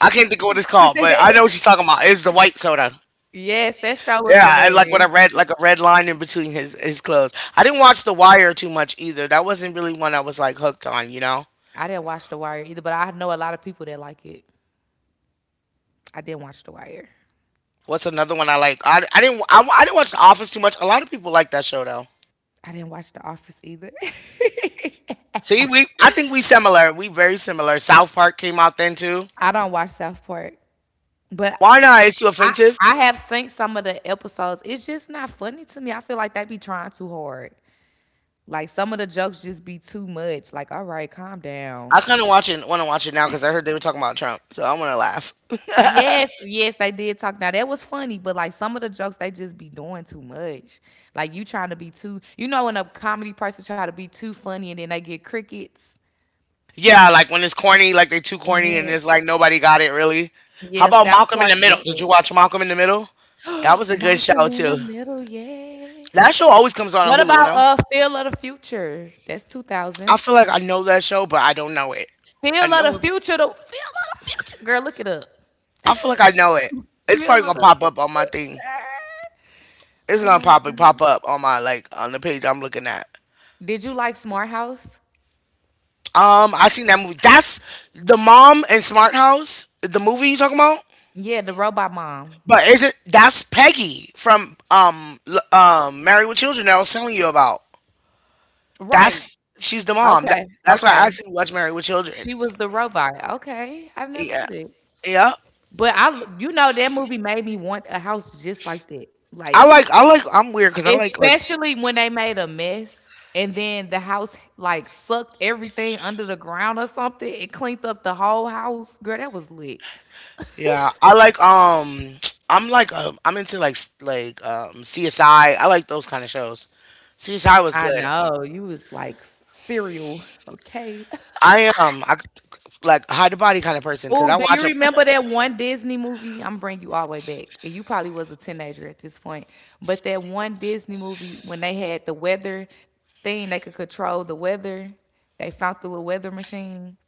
A: I can't think of what it's called, but I know what you're talking about. It's the white soda.
B: Yes, that show was
A: Yeah, I like what
B: hilarious.
A: I read, like a red line in between his clothes. I didn't watch The Wire too much either. That wasn't really one I was like hooked on. You know,
B: I didn't watch The Wire either, but I know a lot of people that like it. I didn't watch The Wire.
A: what's another one I like? I didn't watch The Office too much. A lot of people like that show though.
B: I didn't watch The Office either.
A: See, we I think we similar. We very similar. South Park came out then too.
B: I don't watch South Park. But
A: Why not? It's too
B: I
A: offensive.
B: I have seen some of the episodes. It's just not funny to me. I feel like they be trying too hard. Like some of the jokes just be too much. Like, all right, calm down.
A: I kind of watch it. Want to watch it now because I heard they were talking about Trump, so I want to laugh.
B: Yes, yes, they did talk. Now that was funny, but like some of the jokes they just be doing too much. Like you trying to be too, you know, when a comedy person try to be too funny and then they get crickets.
A: Yeah, like when it's corny, like they too corny and
B: Yeah.
A: it's like nobody got it really. How
B: Yeah,
A: about
B: South
A: Malcolm in the
B: Park
A: Middle?
B: get
A: Did you
B: that.
A: watch Malcolm in the Middle? That was a good show
B: Malcolm in the
A: too.
B: middle, yes.
A: That show always comes on
B: What
A: Hulu, you
B: about
A: know?
B: Feel of the Future? That's two
A: I feel
B: thousands.
A: like I know that show, but I don't know it. I
B: Feel of
A: know
B: the
A: it.
B: future. The feel of the future. Girl, look it up.
A: I feel like I know it. It's probably
B: Feel of
A: gonna
B: the
A: pop up on my thing.
B: future.
A: It's
B: Oh
A: gonna
B: my
A: pop
B: God.
A: up on my like on the page I'm looking at.
B: Did you like Smart House?
A: I seen that movie. That's the mom in Smart House, the movie you talking about.
B: Yeah, the robot mom.
A: But is it that's Peggy from Married with Children that I was telling you about?
B: Right.
A: That's she's the mom.
B: Okay.
A: That's why
B: Okay.
A: I asked you to watch Married with Children.
B: She was the robot. Okay. I never
A: Yeah,
B: knew that.
A: yeah.
B: But I, you know, that movie made me want a house just like that.
A: I
B: Like,
A: like I like I'm weird because I like
B: especially when they made a mess and then the house like sucked everything under the ground or something. It cleaned up the whole house. Girl, that was lit.
A: yeah I like I'm like I'm into like CSI. I like those kind of shows. CSI was
B: I
A: good.
B: know. You was like cereal, okay?
A: I am I, like hide the body kind of person because
B: Oh,
A: I
B: do
A: watch
B: you
A: them.
B: remember that one Disney movie? I'm Bring you all the way back. And you probably was a teenager at this point. But that one Disney movie when they had the weather thing, they could control the weather. They found the little weather machine.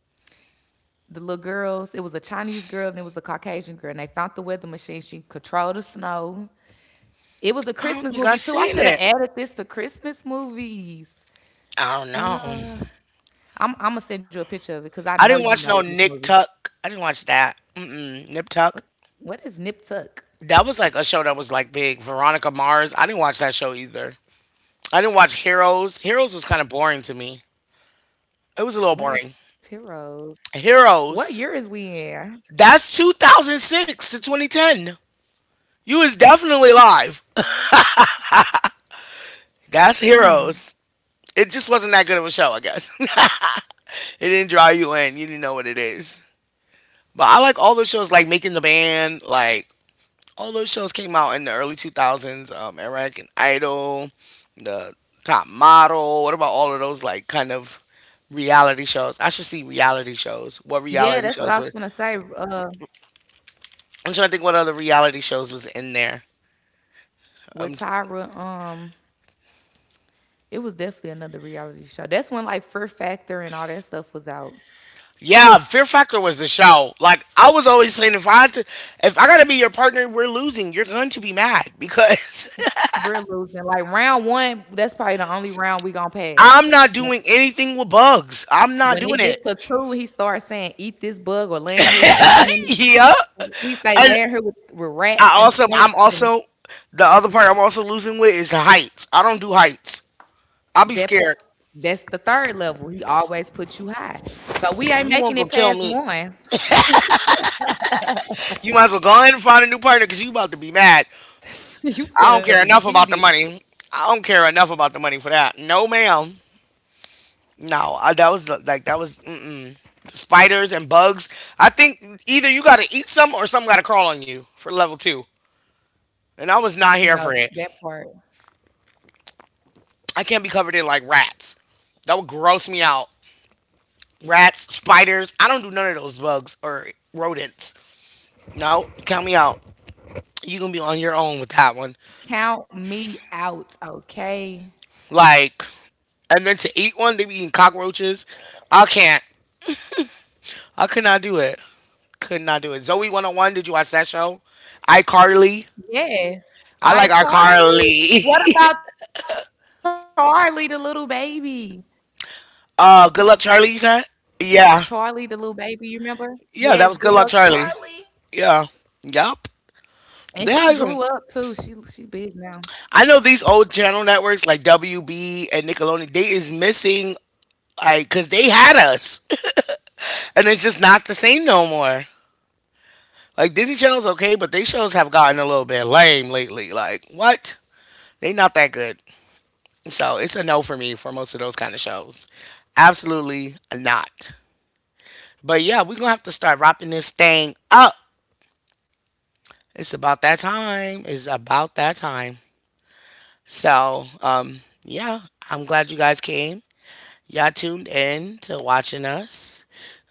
B: The little girls, it was a Chinese girl and it was a Caucasian girl. And they found the weather machine. She controlled the snow. It was a
A: I don't
B: Christmas
A: think I
B: movie too. I
A: seen
B: should have
A: it.
B: added this to Christmas movies.
A: I don't
B: Wow.
A: know.
B: I'm gonna send you a picture of it because I
A: I
B: know
A: didn't
B: you
A: watch
B: know
A: no
B: this
A: Nick
B: movie.
A: Tuck. I didn't watch that. Mm-mm. Nip
B: What
A: Tuck.
B: what is Nip Tuck?
A: That was like a show that was like big. Veronica Mars. I didn't watch that show either. I didn't watch Heroes. Heroes was kind of boring to me. It
B: What
A: was a
B: is
A: little boring.
B: Heroes? What year is we
A: Heroes.
B: in?
A: That's 2006 to 2010. You was definitely live. That's
B: Mm.
A: Heroes. It just wasn't that good of a show, I guess. It didn't draw you in. You didn't know what it is. But I like all those shows, like Making the Band, like all those shows came out in the early 2000s. American Idol, the Top Model. What about all of those, like, kind of reality shows? I should see reality
B: Yeah,
A: shows.
B: that's what
A: What
B: I was gonna
A: reality
B: say.
A: shows were
B: Uh,
A: I'm trying to think what other reality shows was in there.
B: with
A: Um,
B: Tyra, um, it was definitely another reality show. That's when like Fear Factor and all that stuff was out.
A: yeah, Fear Factor was the show. Like I was always saying, if I gotta be your partner, we're losing. You're going to be mad because
B: We're losing like round one. That's probably the only round we gonna pass.
A: I'm not
B: When,
A: doing anything with bugs. I'm not
B: when it
A: doing it.
B: gets to two, he starts saying "eat this bug" or "land her with these many."
A: Yeah,
B: He say
A: and
B: "land her with rats and
A: I'm
B: snakes and
A: also the other part I'm also losing with is the heights. I don't do heights. I'll be
B: that part.
A: scared.
B: That's the third level. He always puts you high. So we ain't
A: You won't
B: making
A: go
B: it
A: kill
B: past
A: me.
B: one.
A: You might as well go ahead and find a new partner because you about to be mad.
B: You
A: I
B: finna
A: don't
B: be
A: care enough
B: heated.
A: about the money. I don't care enough about the money for that. No, ma'am. No, that was like that was mm-mm. Spiders and bugs. I think either you got to eat some or some got to crawl on you for level two. And I was not here
B: No,
A: for it.
B: that part.
A: I can't be covered in like rats. That would gross me out. Rats, spiders. I don't do none of those bugs or rodents. No, count me out. You gonna be on your own with that one.
B: Count me out, okay?
A: Like, and then to eat one, they be eating cockroaches. I can't. I could not do it. Could not do it. Zoe 101. Did you watch that show? iCarly.
B: Yes. I
A: I like
B: Carly. What
A: iCarly.
B: about Charlie the little baby?
A: Good Luck Charlie, you said?
B: Charlie the little
A: Yeah.
B: baby, you remember? Yes, good luck,
A: Yeah, that was Good Luck
B: Charlie.
A: Charlie. Yeah. Yup.
B: And she
A: They
B: grew
A: had
B: up
A: some.
B: too. She big now.
A: I know these old channel networks like WB and Nickelodeon, they is missing, like, because they had us. And it's just not the same no more. Like, Disney Channel's okay, but they shows have gotten a little bit lame lately. Like, what? They not that good. So it's a no for me for most of those kind of shows. Absolutely not. But yeah, we're going to have to start wrapping this thing up. It's about that time. It's about that time. So, yeah, I'm glad you guys came. Y'all tuned in to watching us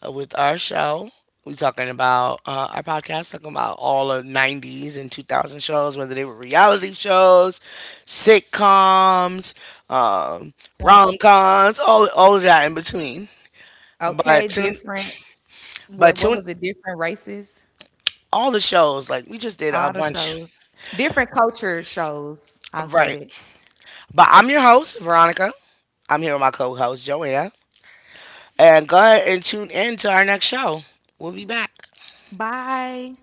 A: with our show. We talking about our podcast, talking about all of 90s and 2000 shows, whether they were reality shows, sitcoms, um,
B: Um,
A: rom coms, all of that in between.
B: okay,
A: But tune,
B: different.
A: but
B: What was
A: tune,
B: it? Different races.
A: all the shows, like we just did
B: All
A: a
B: the
A: bunch.
B: shows. Different culture shows. I'll say
A: Right.
B: that.
A: But I'm your host, Veronica. I'm here with my co host, Joanne. And go ahead and tune in to our next show. We'll be back.
B: Bye.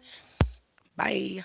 A: Bye.